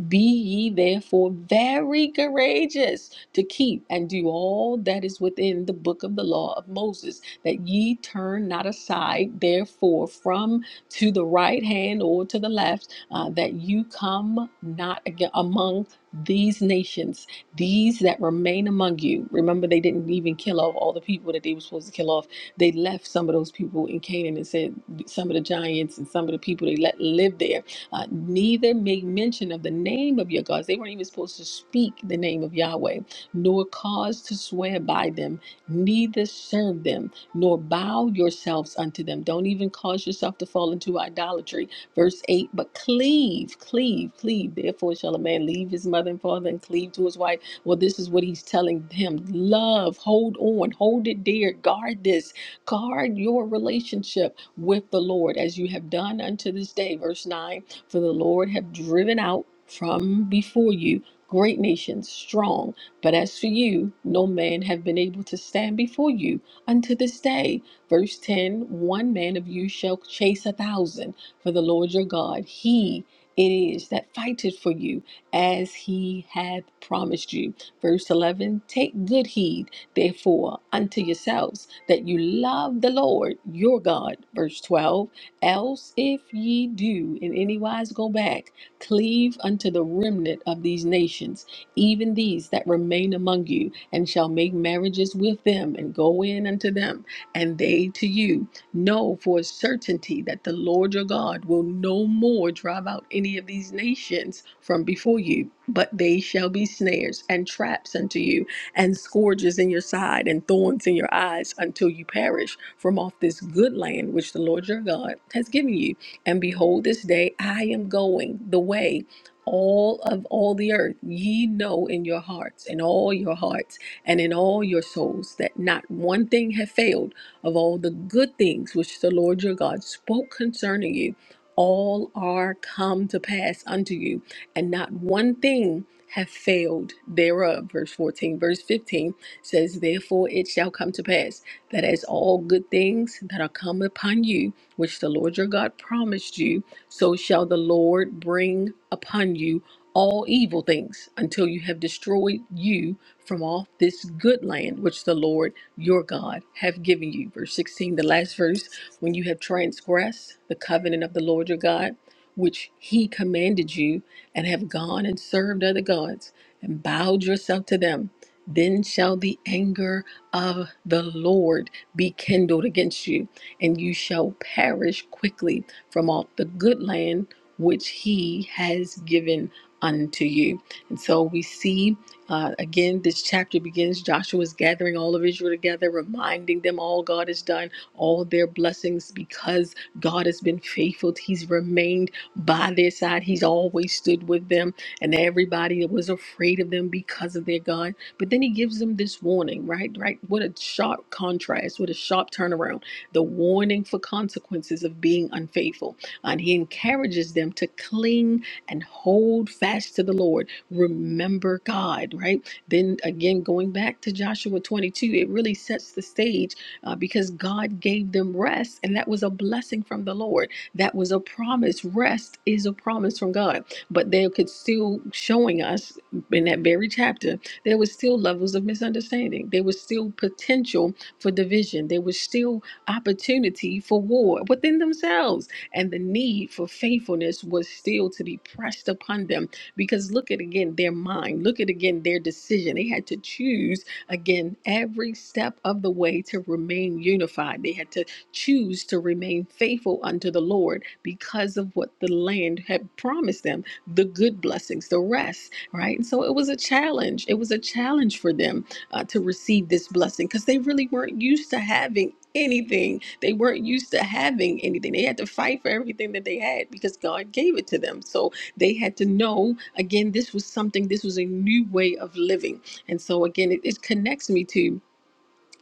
Speaker 6: be ye therefore very courageous to keep and do all that is within the book of the law of Moses, that ye turn not aside therefore from to the right hand or to the left, uh, that you come not aga- among these nations, these that remain among you. Remember, they didn't even kill off all the people that they were supposed to kill off. They left some of those people in Canaan and said some of the giants and some of the people they let live there uh, neither make mention of the name of your gods. They weren't even supposed to speak the name of Yahweh, nor cause to swear by them, neither serve them, nor bow yourselves unto them. Don't even cause yourself to fall into idolatry. Verse 8 But cleave, cleave, cleave. Therefore shall a man leave his mother and father and cleave to his wife. Well, this is what he's telling him love, hold on, hold it dear, guard this, guard your relationship with the Lord as you have done unto this day. Verse 9 for the Lord hath driven out from before you great nations, strong. But as for you, no man have been able to stand before you unto this day. Verse ten: One man of you shall chase a thousand, for the Lord your God, he it is that fighteth for you as he hath promised you. Verse 11 Take good heed, therefore, unto yourselves that you love the Lord your God. Verse 12 Else, if ye do in any wise go back, cleave unto the remnant of these nations, even these that remain among you, and shall make marriages with them, and go in unto them, and they to you. Know for a certainty that the Lord your God will no more drive out any of these nations from before you, but they shall be snares and traps unto you and scourges in your side and thorns in your eyes until you perish from off this good land which the Lord your God has given you. And behold, this day I am going the way all of all the earth ye know in your hearts in all your hearts and in all your souls that not one thing hath failed of all the good things which the lord your god spoke concerning you all are come to pass unto you and not one thing have failed thereof. Verse 14, verse 15 says, Therefore it shall come to pass that as all good things that are come upon you, which the Lord your God promised you, so shall the Lord bring upon you all evil things until you have destroyed you from off this good land which the Lord your God have given you. Verse 16, the last verse, when you have transgressed the covenant of the Lord your God, which he commanded you and have gone and served other gods and bowed yourself to them, then shall the anger of the Lord be kindled against you, and you shall perish quickly from off the good land which he has given unto you. And so we see uh, again, this chapter begins Joshua is gathering all of Israel together, reminding them all God has done, all their blessings because God has been faithful. He's remained by their side. He's always stood with them, and everybody was afraid of them because of their God. But then he gives them this warning, right? Right? What a sharp contrast, what a sharp turnaround. The warning for consequences of being unfaithful. And he encourages them to cling and hold fast to the Lord. Remember God, right? Then again, going back to Joshua 22, it really sets the stage uh, because God gave them rest, and that was a blessing from the Lord that was a promise. Rest is a promise from God. But they could still showing us in that very chapter, there was still levels of misunderstanding. There was still potential for division. There was still opportunity for war within themselves. And the need for faithfulness was still to be pressed upon them. Because look at again their mind, look at again their decision. They had to choose again every step of the way to remain unified. They had to choose to remain faithful unto the Lord because of what the land had promised them the good blessings, the rest, right? And so it was a challenge. It was a challenge for them uh, to receive this blessing because they really weren't used to having anything. They weren't used to having anything. They had to fight for everything that they had because God gave it to them. So they had to know, again, this was something, this was a new way of living. And so, again, it, it connects me to.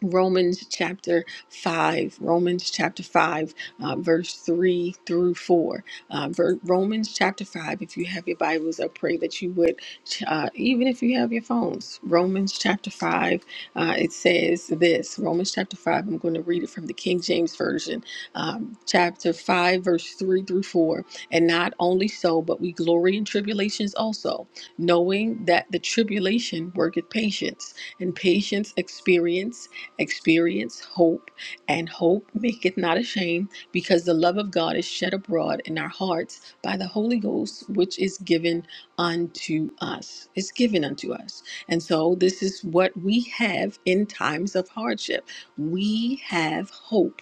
Speaker 6: Romans chapter 5, Romans chapter 5, uh, verse 3 through 4. Uh, ver- Romans chapter 5, if you have your Bibles, I pray that you would, uh, even if you have your phones. Romans chapter 5, uh, it says this Romans chapter 5, I'm going to read it from the King James Version, um, chapter 5, verse 3 through 4. And not only so, but we glory in tribulations also, knowing that the tribulation worketh patience, and patience experience experience hope, and hope maketh not ashamed, because the love of God is shed abroad in our hearts by the Holy Ghost, which is given unto us. It's given unto us. And so this is what we have in times of hardship. We have hope.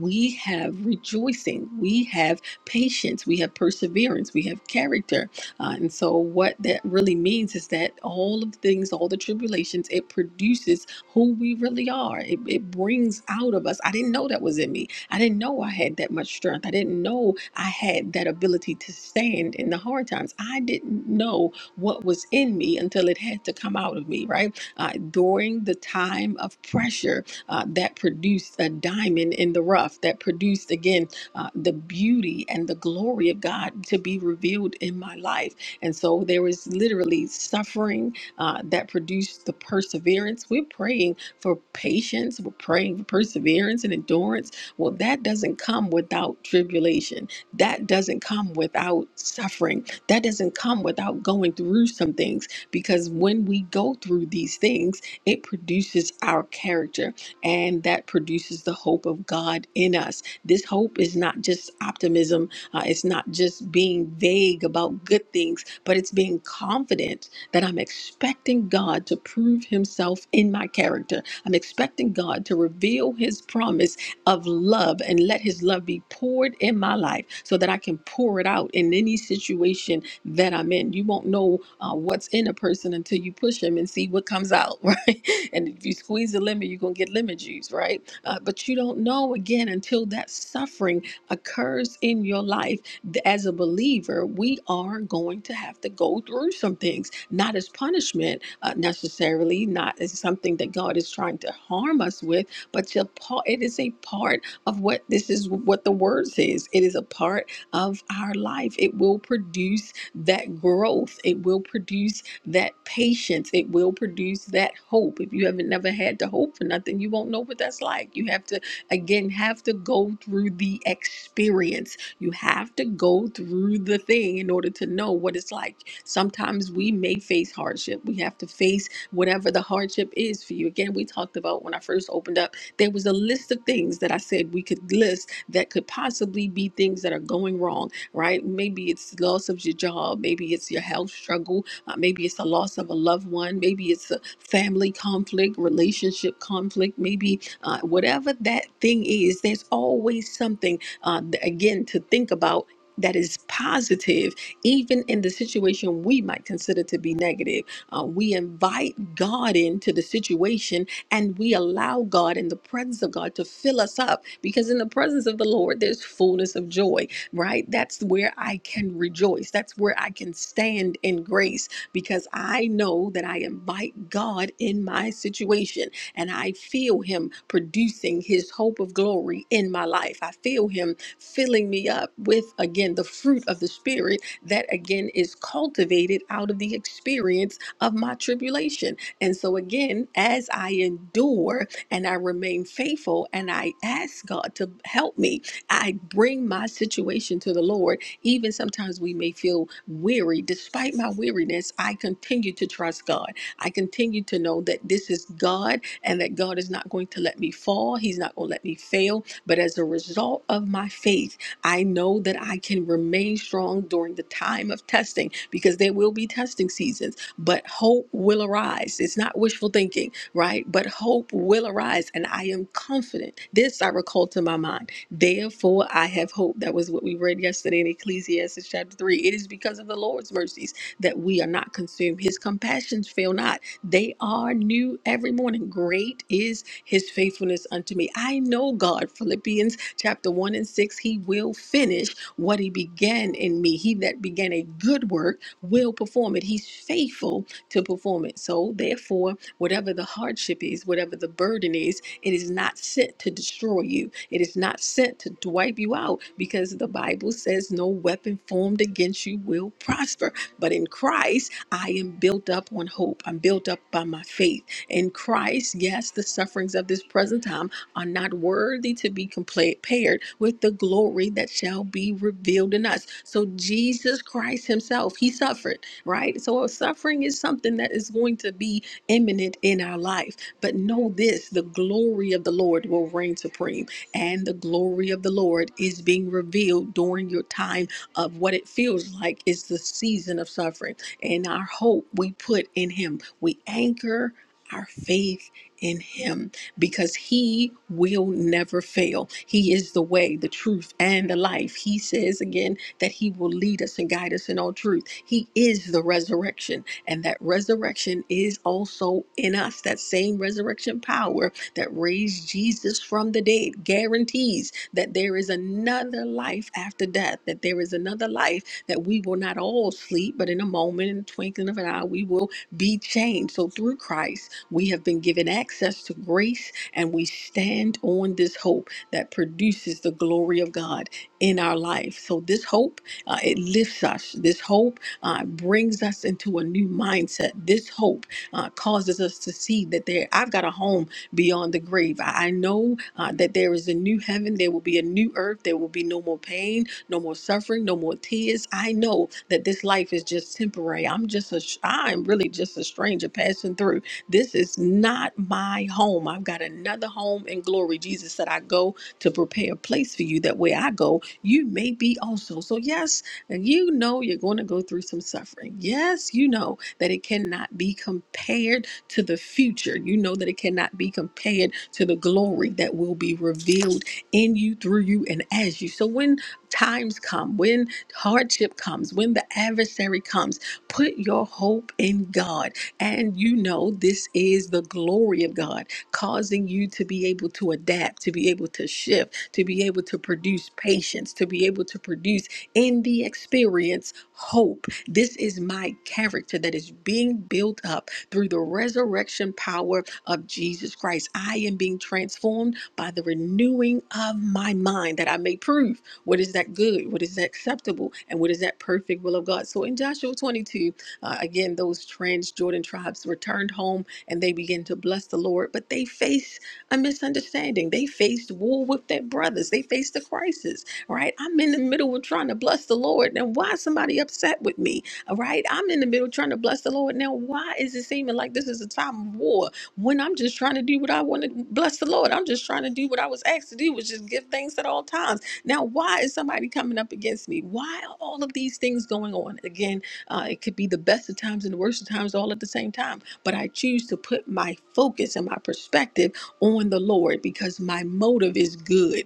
Speaker 6: We have rejoicing. We have patience. We have perseverance. We have character. Uh, and so what that really means is that all of the things, all the tribulations, it produces who we really are. It, it brings out of us. I didn't know that was in me. I didn't know I had that much strength. I didn't know I had that ability to stand in the hard times. I didn't know what was in me until it had to come out of me, right? Uh, during the time of pressure, uh, that produced a diamond in the rough, that produced, again, uh, the beauty and the glory of God to be revealed in my life. And so there is literally suffering uh, that produce the perseverance. We're praying for patience, we're praying for perseverance and endurance. Well, that doesn't come without tribulation, that doesn't come without suffering, that doesn't come without going through some things because when we go through these things, it produces our character and that produces the hope of God in us. This hope is not just optimism, uh, it's not just being vague about good things, but it's being confident that I'm expecting God to prove himself in my character. I'm expecting God to reveal his promise of love and let his love be poured in my life so that I can pour it out in any situation that I'm in. You won't know uh, what's in a person until you push him and see what comes out, right? And if you squeeze the lemon, you're going to get lemon juice, right? Uh, but you don't know again until that suffering occurs in your life th- as a believer, we are going to have to go through some things not as punishment uh, necessarily, not as something that God is trying to harm us with, but to pa- it is a part of what this is what the word says. It is a part of our life. It will produce that growth. It will produce that patience. It will produce that hope. If you haven't never had to hope for nothing, you won't know what that's like. You have to again have to go through the experience. You have to go through the thing in order to know what it's like. Sometimes we may face hardship. We have to face whatever the hardship is for you. Again, we talked about when I first opened up, there was a list of things that I said we could list that could possibly be things that are going wrong, right? Maybe it's loss of your job, maybe it's your health struggle, uh, maybe it's the loss of a loved one, maybe it's a family conflict, relationship conflict, maybe uh, whatever that thing is, there's always something, uh, th- again, to think about. That is positive even in the situation we might consider to be negative. Uh, we invite God into the situation and we allow God in the presence of God to fill us up because in the presence of the Lord, there's fullness of joy, right? That's where I can rejoice. That's where I can stand in grace because I know that I invite God in my situation and I feel Him producing His hope of glory in my life. I feel Him filling me up with, again, the fruit of the Spirit that again is cultivated out of the experience of my tribulation. And so, again, as I endure and I remain faithful and I ask God to help me, I bring my situation to the Lord. Even sometimes we may feel weary. Despite my weariness, I continue to trust God. I continue to know that this is God and that God is not going to let me fall. He's not going to let me fail. But as a result of my faith, I know that I can remain strong during the time of testing because there will be testing seasons, but hope will arise. It's not wishful thinking, right? But hope will arise, and I am confident. This I recall to my mind. Therefore, I have hope. That was what we read yesterday in Ecclesiastes chapter 3. It is because of the Lord's mercies that we are not consumed. His compassions fail not, they are new every morning. Great is his faithfulness unto me. I know God, Philippians chapter 1 and 6, he will finish what he began in me. He that began a good work will perform it. He's faithful to perform it. So, therefore, whatever the hardship is, whatever the burden is, it is not sent to destroy you. It is not sent to to wipe you out because the Bible says no weapon formed against you will prosper. But in Christ, I am built up on hope. I'm built up by my faith. In Christ, yes, the sufferings of this present time are not worthy to be compared with the glory that shall be revealed in us. So Jesus Christ himself, he suffered, right? So uh, suffering is something that is going to be imminent in our life. But know this, the glory of the Lord will reign supreme, and the glory of the Lord is being revealed during your time of what it feels like is the season of suffering. And our hope we put in him. We anchor our faith in him because he will never fail. He is the way, the truth, and the life. He says again that he will lead us and guide us in all truth. He is the resurrection, and that resurrection is also in us. That same resurrection power that raised Jesus from the dead guarantees that there is another life after death, that there is another life that we will not all sleep, but in a moment, in the twinkling of an eye, we will be changed. So through Christ, we have been given access to grace, and we stand on this hope that produces the glory of God in our life. So, this hope, uh, it lifts us. This hope uh, brings us into a new mindset. This hope uh, causes us to see that there, I've got a home beyond the grave. I I know uh, that there is a new heaven, there will be a new earth, there will be no more pain, no more suffering, no more tears. I know that this life is just temporary. I'm just a, I'm really just a stranger passing through. This is not my home. I've got another home in glory. Jesus said, I go to prepare a place for you. That way I go, you may be also. So, yes, and you know you're going to go through some suffering. Yes, you know that it cannot be compared to the future. You know that it cannot be compared to the glory that will be revealed in you, through you, and as you. So, when times come, when hardship comes, when the adversary comes, put your hope in God and you know, this is the glory of God, causing you to be able to adapt, to be able to shift, to be able to produce patience, to be able to produce in the experience hope. This is my character that is being built up through the resurrection power of Jesus Christ. I am being transformed by the renewing of my mind that I may prove what is that good, what is that acceptable, and what is that perfect will of God. So in Joshua 22, uh, again, those trans Jordan tribes returned home and they began to bless the Lord, but they faced a misunderstanding. They faced war with their brothers. They faced a crisis, right? I'm in the middle of trying to bless the Lord. Now, why is somebody upset with me, all right? I'm in the middle trying to bless the Lord. Now, why is it seeming like this is a time of war when I'm just trying to do what I want to bless the Lord? I'm just trying to do what I was asked to do, which is give thanks at all times. Now, why is somebody coming up against me? Why are all of these things going on? Again, uh, it could be the best of times and the worst of times all at the same time. But I choose to put my focus and my perspective on the Lord because my motive is good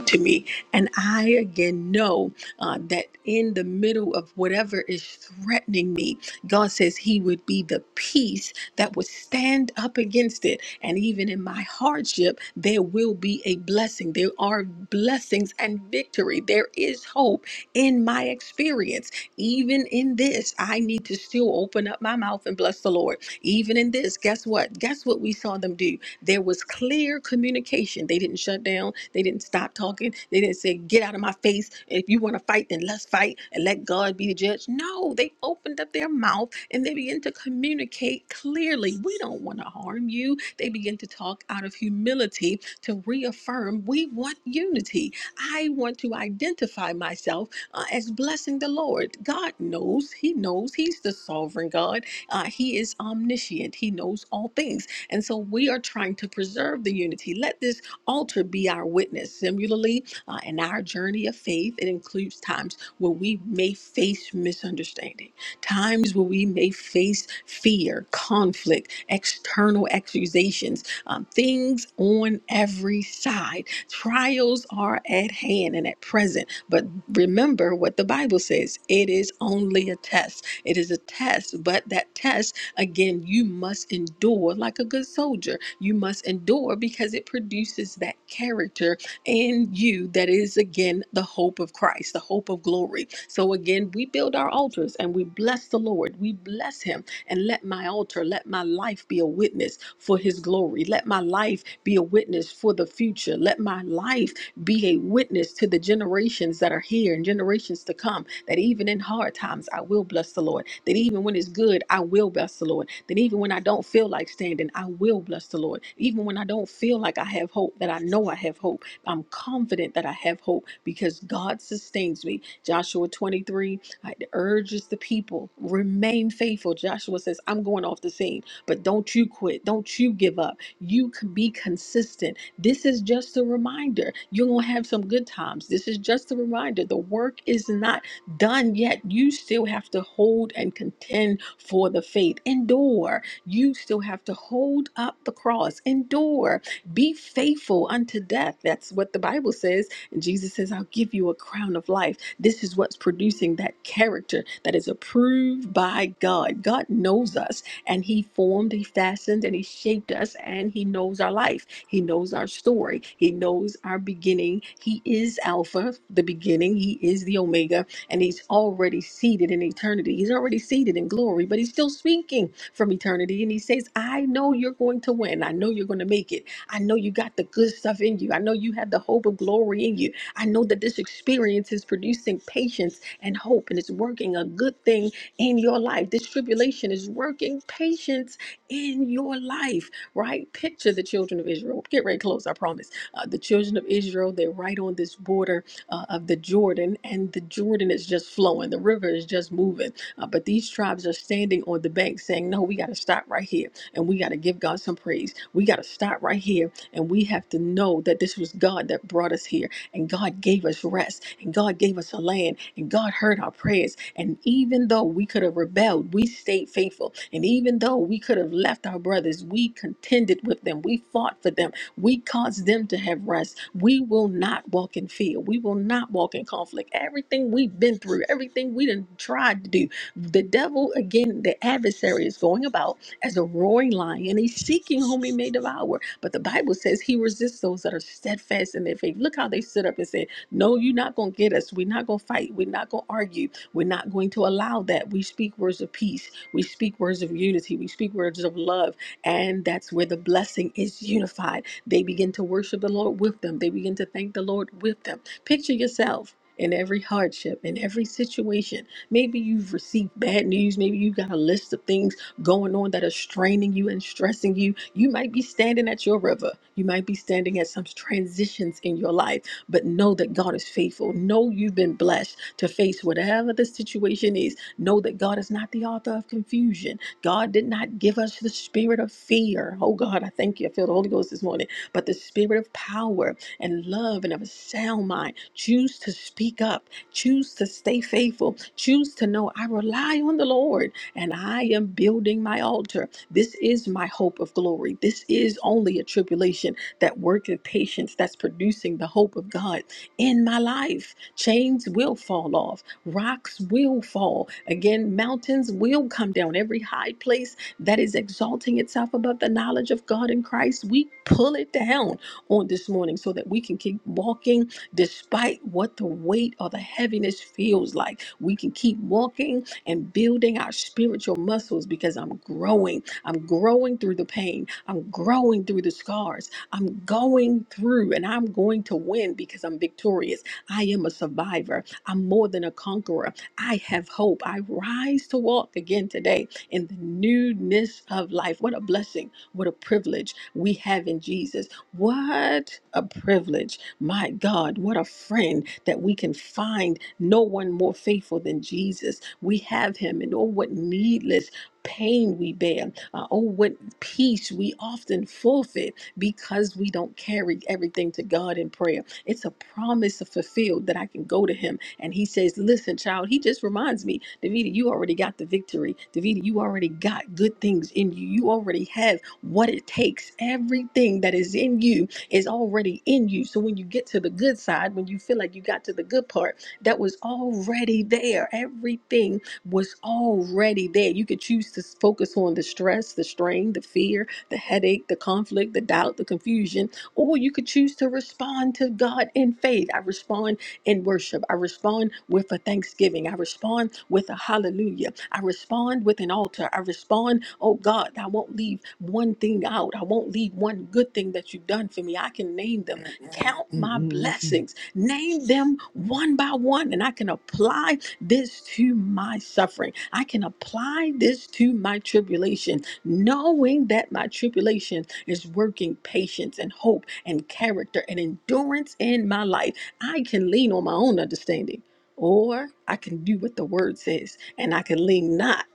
Speaker 6: to me. And I again know uh, that in the middle of whatever is threatening me, God says He would be the peace that would stand up against it. And even in my hardship, there will be a blessing. There are blessings and victory. There is hope in my experience. Even in this, I need to still open up my mouth and bless the Lord. Even in this, guess what? Guess what we saw them do? There was clear communication. They didn't shut down they didn't stop talking. They didn't say, Get out of my face. If you want to fight, then let's fight and let God be the judge. No, they opened up their mouth and they began to communicate clearly. We don't want to harm you. They began to talk out of humility to reaffirm we want unity. I want to identify myself uh, as blessing the Lord. God knows, He knows, He's the sovereign God. Uh, he is omniscient, He knows all things. And so we are trying to preserve the unity. Let this Altar be our witness. Similarly, uh, in our journey of faith, it includes times where we may face misunderstanding, times where we may face fear, conflict, external accusations, um, things on every side. Trials are at hand and at present. But remember what the Bible says it is only a test. It is a test, but that test Again, you must endure like a good soldier. You must endure because it produces that character in you that is, again, the hope of Christ, the hope of glory. So, again, we build our altars and we bless the Lord. We bless Him and let my altar, let my life be a witness for His glory. Let my life be a witness for the future. Let my life be a witness to the generations that are here and generations to come that even in hard times, I will bless the Lord. That even when it's good, I will bless the Lord. That even when I don't feel like standing, I will bless the Lord. Even when I don't feel like I have hope, that I know I have hope. I'm confident that I have hope because God sustains me. Joshua 23 I urges the people, remain faithful. Joshua says, I'm going off the scene, but don't you quit. Don't you give up. You can be consistent. This is just a reminder. You're going to have some good times. This is just a reminder. The work is not done yet, you still have to hold and contend for the faith. Endure. You still have to hold up the cross. Endure. Be faithful unto death. That's what the Bible says. And Jesus says, I'll give you a crown of life. This is what's producing that character that is approved by God. God knows us and He formed, He fashioned, and He shaped us, and He knows our life. He knows our story. He knows our beginning. He is Alpha, the beginning. He is the Omega and he's already seated in eternity. He's already seated in glory, but he's still speaking from eternity. And he says, I know you're going to win. I know you're going to make it. I know you got the good stuff in you. I know you have the hope of glory in you. I know that this experience is producing patience and hope, and it's working a good thing in your life. This tribulation is working patience in your life, right? Picture the children of Israel. Get right close, I promise. Uh, the children of Israel, they're right on this border uh, of the Jordan, and the Jordan is just flowing. The river is just moving. Uh, but these tribes are standing on the bank saying, No, we got to stop right here and we got to give God some praise. We got to stop right here and we have to know that this was God that brought us here and God gave us rest and God gave us a land and God heard our prayers. And even though we could have rebelled, we stayed faithful. And even though we could have left our brothers, we contended with them, we fought for them we cause them to have rest. We will not walk in fear. We will not walk in conflict. Everything we've been through, everything we done tried to do, the devil, again, the adversary is going about as a roaring lion. He's seeking whom he may devour. But the Bible says he resists those that are steadfast in their faith. Look how they stood up and said, No, you're not going to get us. We're not going to fight. We're not going to argue. We're not going to allow that. We speak words of peace. We speak words of unity. We speak words of love. And that's where the blessing is unified they begin to worship the Lord with them. They begin to thank the Lord with them. Picture yourself in every hardship, in every situation. Maybe you've received bad news. Maybe you've got a list of things going on that are straining you and stressing you. You might be standing at your river. You might be standing at some transitions in your life, but know that God is faithful. Know you've been blessed to face whatever the situation is. Know that God is not the author of confusion. God did not give us the spirit of fear. Oh God, I thank you. I feel the Holy Ghost this morning but the spirit of power and love and of a sound mind. Choose to speak up, choose to stay faithful, choose to know I rely on the Lord and I am building my altar. This is my hope of glory. This is only a tribulation that worketh patience that's producing the hope of God in my life. Chains will fall off, rocks will fall. Again, mountains will come down. Every high place that is exalting itself above the knowledge of God in Christ, we pull it down on this morning so that we can keep walking despite what the weight or the heaviness feels like. We can keep walking and building our spiritual muscles because I'm growing. I'm growing through the pain. I'm growing through the scars. I'm going through and I'm going to win because I'm victorious. I am a survivor. I'm more than a conqueror. I have hope. I rise to walk again today in the newness of life. What a blessing. What a privilege we have in Jesus. What a privilege. My God, what a friend that we can find no one more faithful than Jesus. We have him, and oh, what needless pain we bear. Uh, oh, what peace we often forfeit because we don't carry everything to God in prayer. It's a promise fulfilled that I can go to him. And he says, Listen, child, he just reminds me, Davida, you already got the victory. Davida, you already got good things in you. You already have what it takes. Everything that is in you is already in you. So when you get to the good side, when you feel like you got to the good part, that was already there. Everything was already there. You could choose to focus on the stress, the strain, the fear, the headache, the conflict, the doubt, the confusion or you could choose to respond to God in faith. I respond in worship. I respond with a thanksgiving. I respond with a hallelujah. I respond with an altar. I respond, oh God, I won't leave one thing out. I won't leave one good thing that you've done for me. I can name them. Count
Speaker 7: mm
Speaker 6: my
Speaker 7: mm mm mm.
Speaker 6: blessings. Name them one by one, and I can apply this to my suffering. I can apply this to my tribulation, knowing that my tribulation is working patience and hope and character and endurance in my life. I can lean on my own understanding, or I can do what the word says, and I can lean not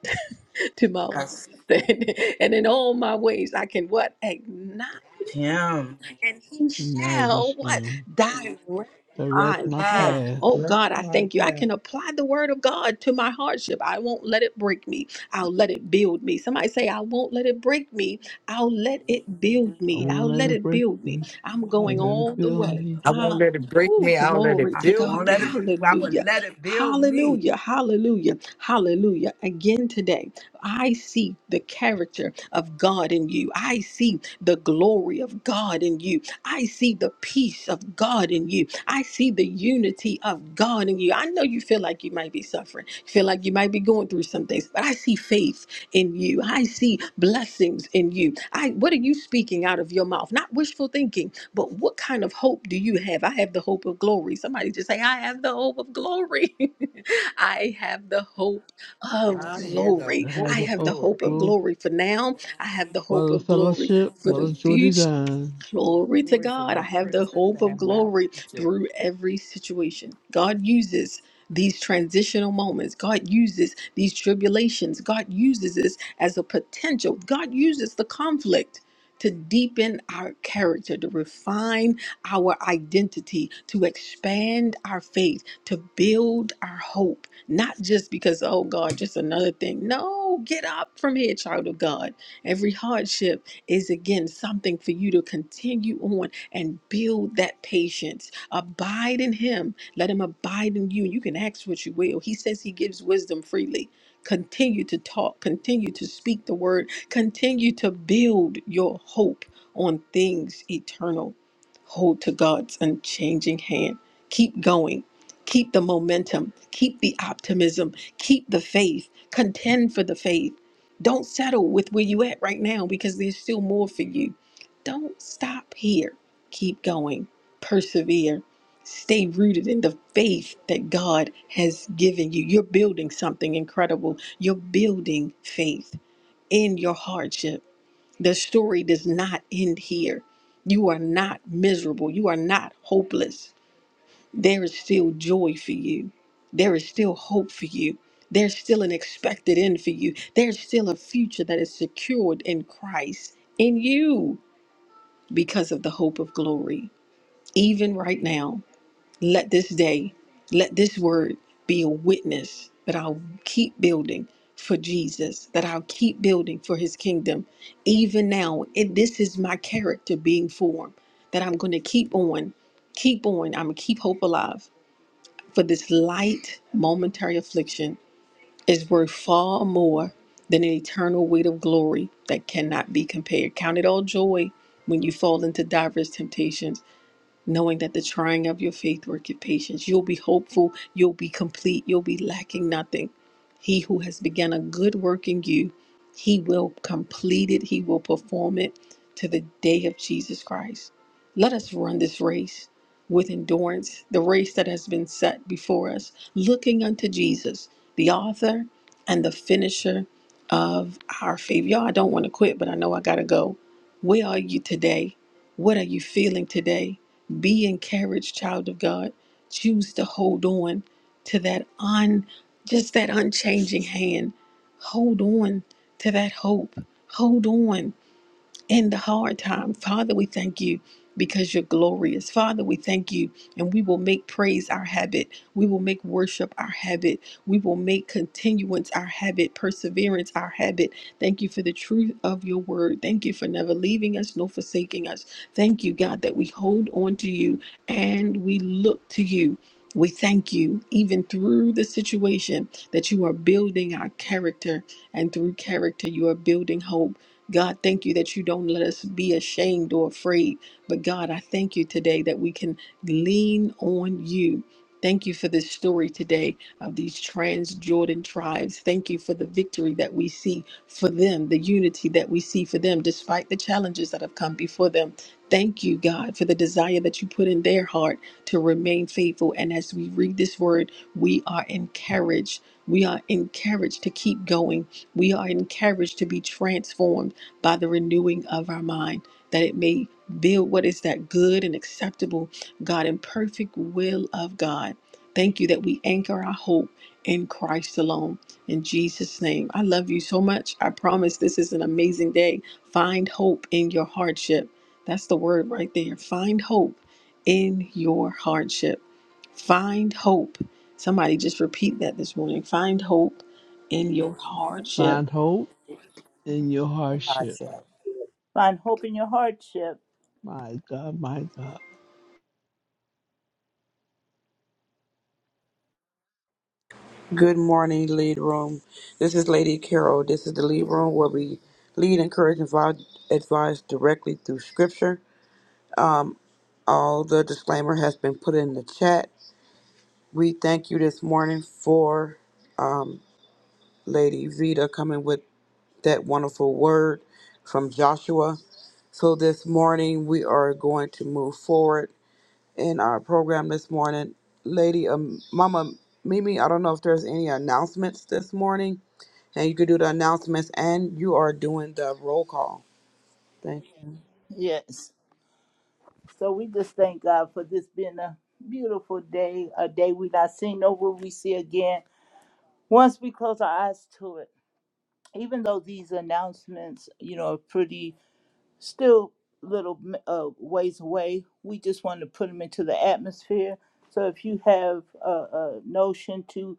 Speaker 6: to my own understanding.
Speaker 3: Yes.
Speaker 6: And in all my ways, I can what? Acknowledge.
Speaker 3: Him.
Speaker 6: and he
Speaker 7: No,
Speaker 6: shall
Speaker 7: this
Speaker 6: what?
Speaker 7: him.
Speaker 6: Direct
Speaker 7: Direct
Speaker 6: my
Speaker 7: my
Speaker 6: path.
Speaker 3: Yes.
Speaker 6: Oh
Speaker 7: path.
Speaker 8: Direct
Speaker 6: God, I
Speaker 8: my
Speaker 6: thank you. I can
Speaker 8: path.
Speaker 6: apply the word of God to my hardship. I won't let it break me. I'll let it build me. Somebody say, I won't let it break me. I'll let it build
Speaker 7: I
Speaker 6: me.
Speaker 8: I,
Speaker 7: won't
Speaker 6: I'll let
Speaker 7: let it
Speaker 6: it
Speaker 7: break
Speaker 6: build me.
Speaker 7: me.
Speaker 6: I'm
Speaker 7: I'll
Speaker 6: going
Speaker 8: I'll
Speaker 7: let
Speaker 8: let
Speaker 7: it
Speaker 6: all
Speaker 8: it
Speaker 6: the
Speaker 8: build
Speaker 7: fill
Speaker 8: me.
Speaker 6: way.
Speaker 7: me.
Speaker 4: I won't
Speaker 6: Ah,
Speaker 4: let it break
Speaker 6: oh,
Speaker 4: me. I'll let
Speaker 6: glory
Speaker 4: it
Speaker 3: I
Speaker 6: to
Speaker 4: build
Speaker 3: won't
Speaker 6: God.
Speaker 3: let it
Speaker 4: me.
Speaker 3: I will
Speaker 6: Hallelujah.
Speaker 3: let it build me.
Speaker 6: Hallelujah. Hallelujah. Hallelujah. Again today. I see the character of God in you. I see the glory of God in you. I see the peace of God in you. I see the unity of God in you. I know you feel like you might be suffering, feel like you might be going through some things, but I see faith in you. I see blessings in you. I what are you speaking out of your mouth? Not wishful thinking, but what kind of hope do you have? I have the hope of glory. Somebody just say, I have the hope of glory. I have the hope
Speaker 8: I have
Speaker 6: of
Speaker 4: I hear the
Speaker 6: glory.
Speaker 7: I have
Speaker 6: I
Speaker 7: the
Speaker 4: whole
Speaker 6: have the
Speaker 7: hope,
Speaker 6: hope of
Speaker 4: glory.
Speaker 7: Lord.
Speaker 6: glory for now. I have the
Speaker 7: What
Speaker 6: hope
Speaker 7: a
Speaker 6: of glory
Speaker 7: fellowship,
Speaker 6: for
Speaker 7: what
Speaker 6: the
Speaker 7: a joy
Speaker 6: future
Speaker 7: divine.
Speaker 4: For
Speaker 6: Glory to
Speaker 4: Glory for
Speaker 6: God. I
Speaker 4: my
Speaker 6: have the
Speaker 4: praises
Speaker 6: hope of
Speaker 4: and my
Speaker 6: glory
Speaker 4: reject.
Speaker 6: through every situation. God uses these transitional moments. God uses these tribulations. God uses this as a potential. God uses the conflict to deepen our character, to refine our identity, to expand our faith, to build our hope. Not just because, oh God, just another thing. No, get up from here, child of God. Every hardship is again something for you to continue on and build that patience. Abide in Him, let Him abide in you. You can ask what you will. He says He gives wisdom freely. Continue to talk, continue to speak the word, continue to build your hope on things eternal. Hold to God's unchanging hand. Keep going. Keep the momentum. Keep the optimism. Keep the faith. Contend for the faith don't settle with where you at right now because there's still more for you. Don't stop here. Keep going. Persevere. Stay rooted in the faith that God has given you. You're building something incredible. You're building faith in your hardship. The story does not end here. You are not miserable. You are not hopeless there is still joy for you. There is still hope for you. There's still an expected end for you. There's still a future that is secured in Christ in you because of the hope of glory. Even right now, let this day, let this word be a witness that I'll keep building for Jesus, that I'll keep building for his kingdom. Even now, it, this is my character being formed, that I'm going to keep on, keep on. I'm going to keep hope alive. For this light momentary affliction is worth far more than an eternal weight of glory that cannot be compared. Count it all joy when you fall into diverse temptations knowing that the trying of your faith worketh patience. You'll be hopeful, you'll be complete, you'll be lacking nothing. He who has begun a good work in you, he will complete it, he will perform it to the day of Jesus Christ. Let us run this race with endurance, the race that has been set before us, looking unto Jesus, the author and the finisher of our faith. Y'all, I don't want to quit, but I know I got to go. Where are you today? What are you feeling today? Be encouraged, child of God. Choose to hold on to that un just that unchanging hand. Hold on to that hope. Hold on in the hard time. Father, we thank you because you're glorious. Father, we thank you and we will make praise our habit. We will make worship our habit. We will make continuance our habit, perseverance our habit. Thank you for the truth of your word. Thank you for never leaving us nor forsaking us. Thank you, God, that we hold on to you and we look to you. We thank you, even through the situation, that you are building our character, and through character, you are building hope. God, thank you that you don't let us be ashamed or afraid. But God, I thank you today that we can lean on you. Thank you for this story today of these trans Jordan tribes. Thank you for the victory that we see for them, the unity that we see for them, despite the challenges that have come before them. Thank you, God, for the desire that you put in their heart to remain faithful. And as we read this word, we are encouraged. We are encouraged to keep going. We are encouraged to be transformed by the renewing of our mind, that it may build what is that good and acceptable, God, and perfect will of God. Thank you that we anchor our hope in Christ alone. In Jesus' name, I love you so much. I promise this is an amazing day. Find hope in your hardship. That's the word right there. Find hope in your hardship. Find hope. Somebody just repeat that this morning. Find hope in your hardship.
Speaker 7: Find hope in your hardship.
Speaker 9: Find hope in your hardship.
Speaker 7: My God, my God.
Speaker 2: Good morning, Lead Room. This is Lady Carol. This is the Lead Room where we lead, encourage, and advi- advise directly through Scripture. All the disclaimer has been put in the chat. We thank you this morning for Lady Vita coming with that wonderful word from Joshua. So this morning we are going to move forward in our program this morning. Lady um, Mama Mimi, I don't know if there's any announcements this morning And you can do the announcements and you are doing the roll call. Thank you.
Speaker 9: Yes. So we just thank God for this being a beautiful day, a day we not seen, nor will we see again once we close our eyes to it. Even though these announcements, you know, are pretty still little uh, ways away, we just want to put them into the atmosphere. So if you have a, a notion to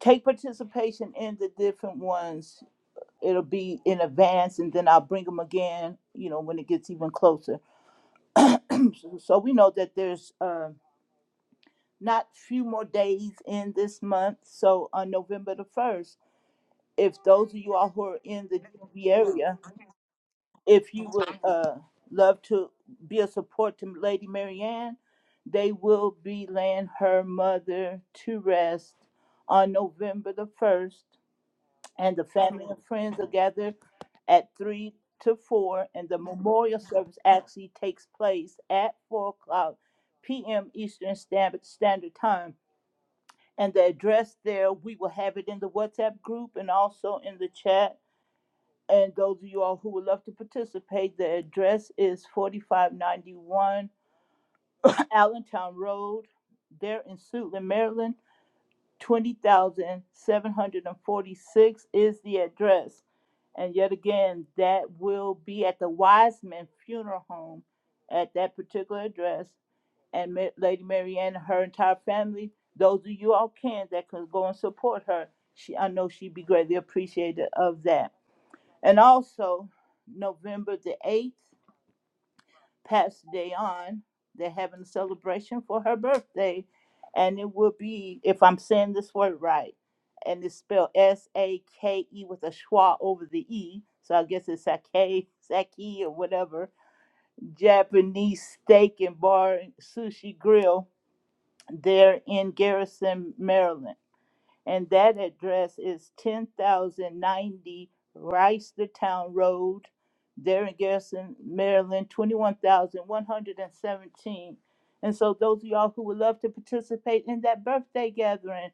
Speaker 9: take participation in the different ones, it'll be in advance, and then I'll bring them again, you know, when it gets even closer So we know that there's um, not few more days in this month. So on November the 1st, if those of you all who are in the DV area, if you would uh, love to be a support to Lady Marianne, they will be laying her mother to rest on November the 1st. and the family and friends are gathered at three to four, and the memorial service actually takes place at four o'clock p.m. Eastern Standard Standard Time. And the address there, we will have it in the WhatsApp group and also in the chat. And those of you all who would love to participate, the address is 4591 Allentown Road, there in Suitland, Maryland. 20,746 is the address. And yet again, that will be at the Wiseman Funeral Home at that particular address. And Ma- Lady Marianne, and her entire family, those of you all can that can go and support her, she I know she'd be greatly appreciated of that. And also, November the 8th passed the day on. They're having a celebration for her birthday, and it will be, if I'm saying this word right, and it's spelled S A K E with a schwa over the E. So I guess it's sake, sake or whatever. Japanese steak and bar and sushi grill there in Garrison, Maryland and that address is ten thousand ninety Reisterstown Road, Darren Garrison, Maryland, twenty-one thousand one hundred and seventeen. And so those of y'all who would love to participate in that birthday gathering,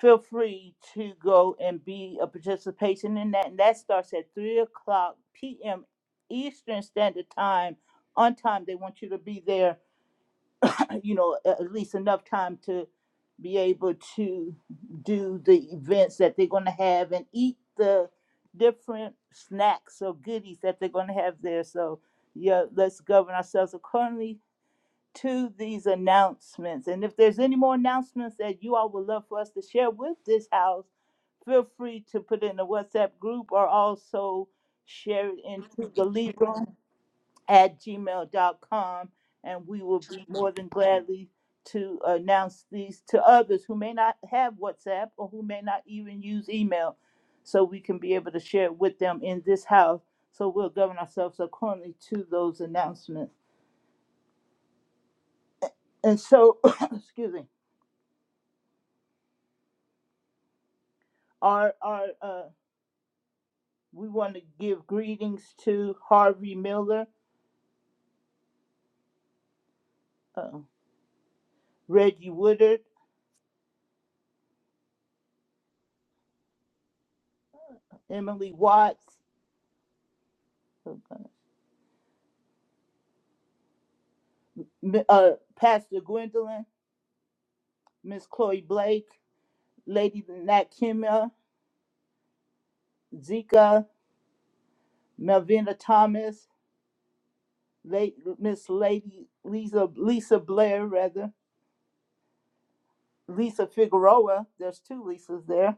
Speaker 9: feel free to go and be a participation in that. And that starts at three o'clock PM Eastern Standard Time. On time, they want you to be there uh, you know, at least enough time to be able to do the events that they're going to have and eat the different snacks or goodies that they're going to have there. So, yeah, let's govern ourselves accordingly to these announcements. And if there's any more announcements that you all would love for us to share with this house, feel free to put it in the WhatsApp group or also share it into the Libra at gmail dot com, And we will be more than gladly to announce these to others who may not have WhatsApp or who may not even use email. So we can be able to share it with them in this house. So we'll govern ourselves accordingly to those announcements. And so, excuse me, our, our, uh, we want to give greetings to Harvey Miller, uh, Reggie Woodard, Emily Watts, uh, uh, Pastor Gwendolyn, Miss Chloe Blake, Lady Nat Kimia, Zika, Melvina Thomas, late Miss Lady Lisa Lisa Blair rather, Lisa Figueroa. There's two Lisas there.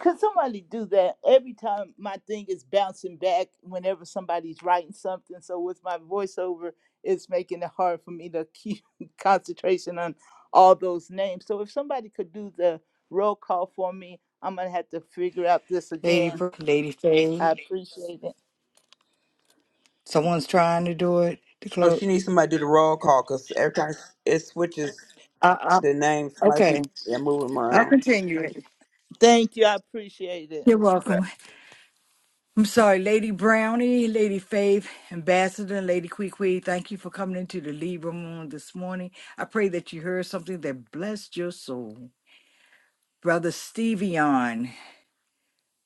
Speaker 9: Could somebody do that? Every time my thing is bouncing back whenever somebody's writing something. So with my voiceover, it's making it hard for me to keep concentration on all those names. So if somebody could do the roll call for me, I'm gonna have to figure out this
Speaker 4: Lady
Speaker 9: again
Speaker 4: Brooke, Lady Faye.
Speaker 9: I appreciate it.
Speaker 4: Someone's trying to do it to
Speaker 2: Oh, she needs
Speaker 4: close.
Speaker 2: somebody to do the roll call because every time it switches
Speaker 4: I,
Speaker 2: the name,
Speaker 4: I,
Speaker 2: somebody
Speaker 4: okay,
Speaker 2: keep yeah, moving them
Speaker 4: I'll
Speaker 2: around.
Speaker 4: continue it.
Speaker 9: Thank you. I appreciate it.
Speaker 4: You're welcome. I'm sorry, Lady Brownie, Lady Faith, Ambassador, and Lady Queequee. Thank you for coming into the Libra Moon this morning. I pray that you heard something that blessed your soul. Brother Stevion,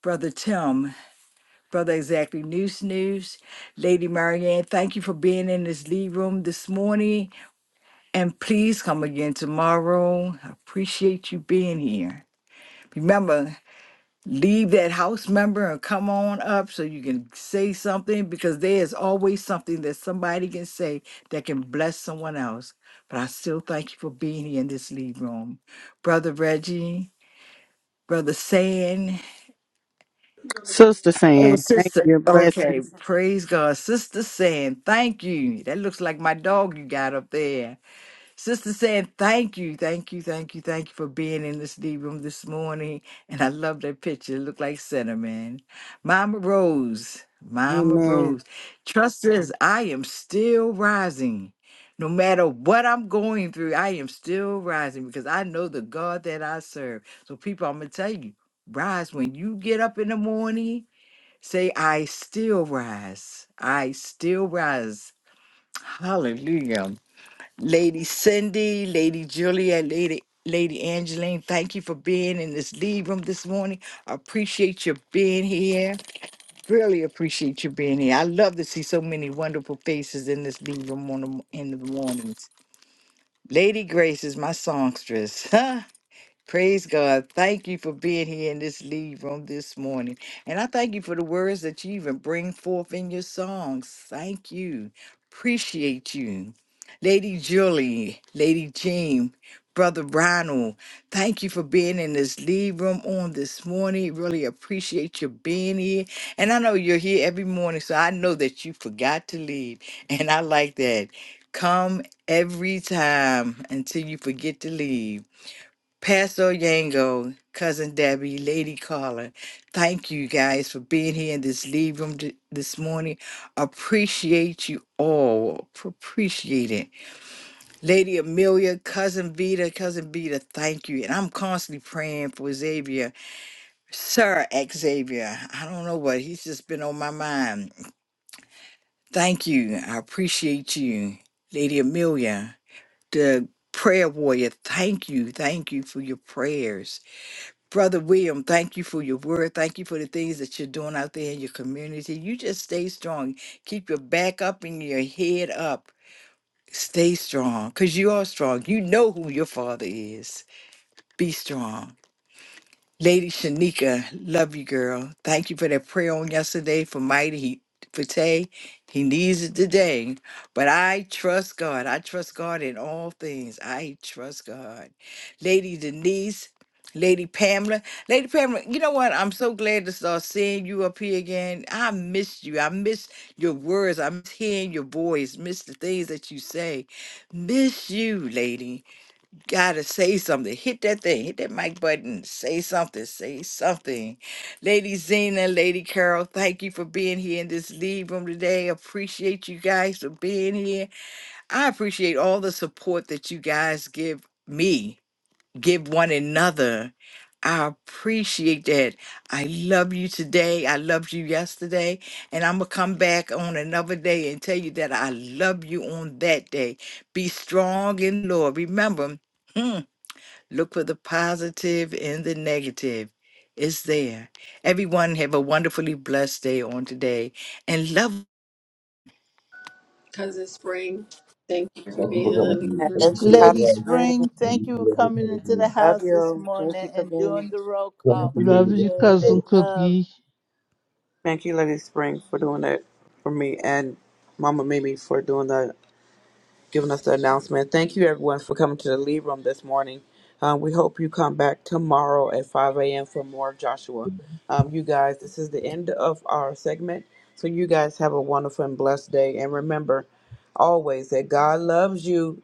Speaker 4: Brother Tim, Brother Exactly News News, Lady Marianne, thank you for being in this lead room this morning. And please come again tomorrow. I appreciate you being here. Remember, leave that house member and come on up so you can say something because there is always something that somebody can say that can bless someone else. But I still thank you for being here in this lead room. Brother Reggie, Brother Sand,
Speaker 10: Sister
Speaker 4: Oh,
Speaker 10: saying, thank
Speaker 4: sister.
Speaker 10: you,
Speaker 4: Okay,
Speaker 10: blessings.
Speaker 4: praise God. Sister saying thank you. That looks like my dog you got up there. Sister saying thank you, thank you, thank you, thank you for being in this D room this morning. And I love that picture. It looked like cinnamon. Mama Rose, Mama
Speaker 10: Amen.
Speaker 4: Rose. Trust is I am still rising. No matter what I'm going through, I am still rising because I know the God that I serve. So, people, I'm going to tell you rise when you get up in the morning Say, I still rise. I still rise. Hallelujah. Lady Cindy, Lady Julia, Lady Lady Angeline, thank you for being in this lead room this morning. I appreciate you being here. Really appreciate you being here. I love to see so many wonderful faces in this lead room on the, in the mornings. Lady Grace is my songstress. Praise God. Thank you for being here in this lead room this morning. And I thank you for the words that you even bring forth in your songs. Thank you. Appreciate you. Lady Julie, Lady Jean, Brother Ronald, thank you for being in this lead room on this morning. Really appreciate you being here. And I know you're here every morning, so I know that you forgot to leave. And I like that. Come every time until you forget to leave. Pastor Yango, Cousin Debbie, Lady Carla, thank you guys for being here in this lead room th- this morning. Appreciate you all. P- Appreciate it. Lady Amelia, Cousin Vita, Cousin Vita, thank you. And I'm constantly praying for Xavier, Sir Xavier. I don't know what, he's just been on my mind. Thank you. I appreciate you. Lady Amelia, the prayer warrior, thank you. Thank you for your prayers. Brother William, thank you for your word. Thank you for the things that you're doing out there in your community. You just stay strong. Keep your back up and your head up. Stay strong because you are strong. You know who your father is. Be strong. Lady Shanika, love you, girl. Thank you for that prayer on yesterday for Mighty he, for Tay. He needs it today. But I trust God. I trust God in all things. I trust God. Lady Denise, Lady Pamela. Lady Pamela, you know what? I'm so glad to start seeing you up here again. I miss you. I miss your words. I miss hearing your voice. Miss the things that you say. Miss you, lady gotta say something. Hit that thing, hit that mic button, say something, say something. Lady Zena, Lady Carol, thank you for being here in this lead room today. Appreciate you guys for being here. I appreciate all the support that you guys give me, give one another. I appreciate that. I love you today. I loved you yesterday. And I'm going to come back on another day and tell you that I love you on that day. Be strong in Lord. Remember, Look for the positive positive in the negative. It's there. Everyone have a wonderfully blessed day on today and love.
Speaker 6: Cousin Spring, thank you
Speaker 1: Thank
Speaker 6: for
Speaker 1: you
Speaker 6: being in
Speaker 1: for
Speaker 6: the
Speaker 1: coming.
Speaker 6: living
Speaker 3: And
Speaker 1: Thank
Speaker 6: room
Speaker 1: you
Speaker 3: Thank you,
Speaker 6: this
Speaker 1: for your
Speaker 9: Lady
Speaker 6: morning.
Speaker 3: Cosmo
Speaker 1: love.
Speaker 3: Spring.
Speaker 9: Spring,
Speaker 1: Thank
Speaker 9: thank
Speaker 1: you
Speaker 9: you for
Speaker 1: for your
Speaker 9: coming
Speaker 1: kindness.
Speaker 9: into the
Speaker 3: Love
Speaker 9: house this
Speaker 3: you. Thank
Speaker 9: morning
Speaker 3: you for
Speaker 9: and
Speaker 3: being in
Speaker 9: doing the roll
Speaker 3: the room.
Speaker 1: Don't
Speaker 9: call.
Speaker 1: be
Speaker 7: Love you,
Speaker 9: Appreciate it.
Speaker 7: cousin
Speaker 9: Love.
Speaker 7: Cookie.
Speaker 2: Thank you, Lady Spring, for doing that for me and Mama Mimi for doing that giving us the announcement. Thank you, everyone, for coming to the lead room this morning. Um, we hope you come back tomorrow at 5 a.m. for more of Joshua. Um, you guys, this is the end of our segment. So, you guys have a wonderful and blessed day. And remember always that God loves you,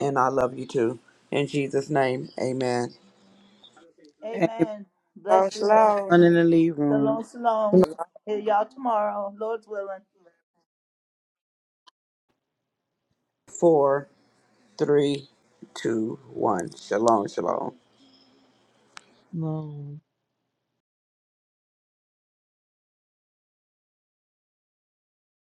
Speaker 2: and I love you too. In Jesus' name, amen.
Speaker 10: Amen.
Speaker 9: Amen.
Speaker 3: Shalom,
Speaker 9: Bless you. and
Speaker 3: shalom.
Speaker 10: In the lead room.
Speaker 9: Shalom, shalom. Hear y'all tomorrow. Lord's willing.
Speaker 2: Four, three, two, one. Shalom, shalom.
Speaker 7: No.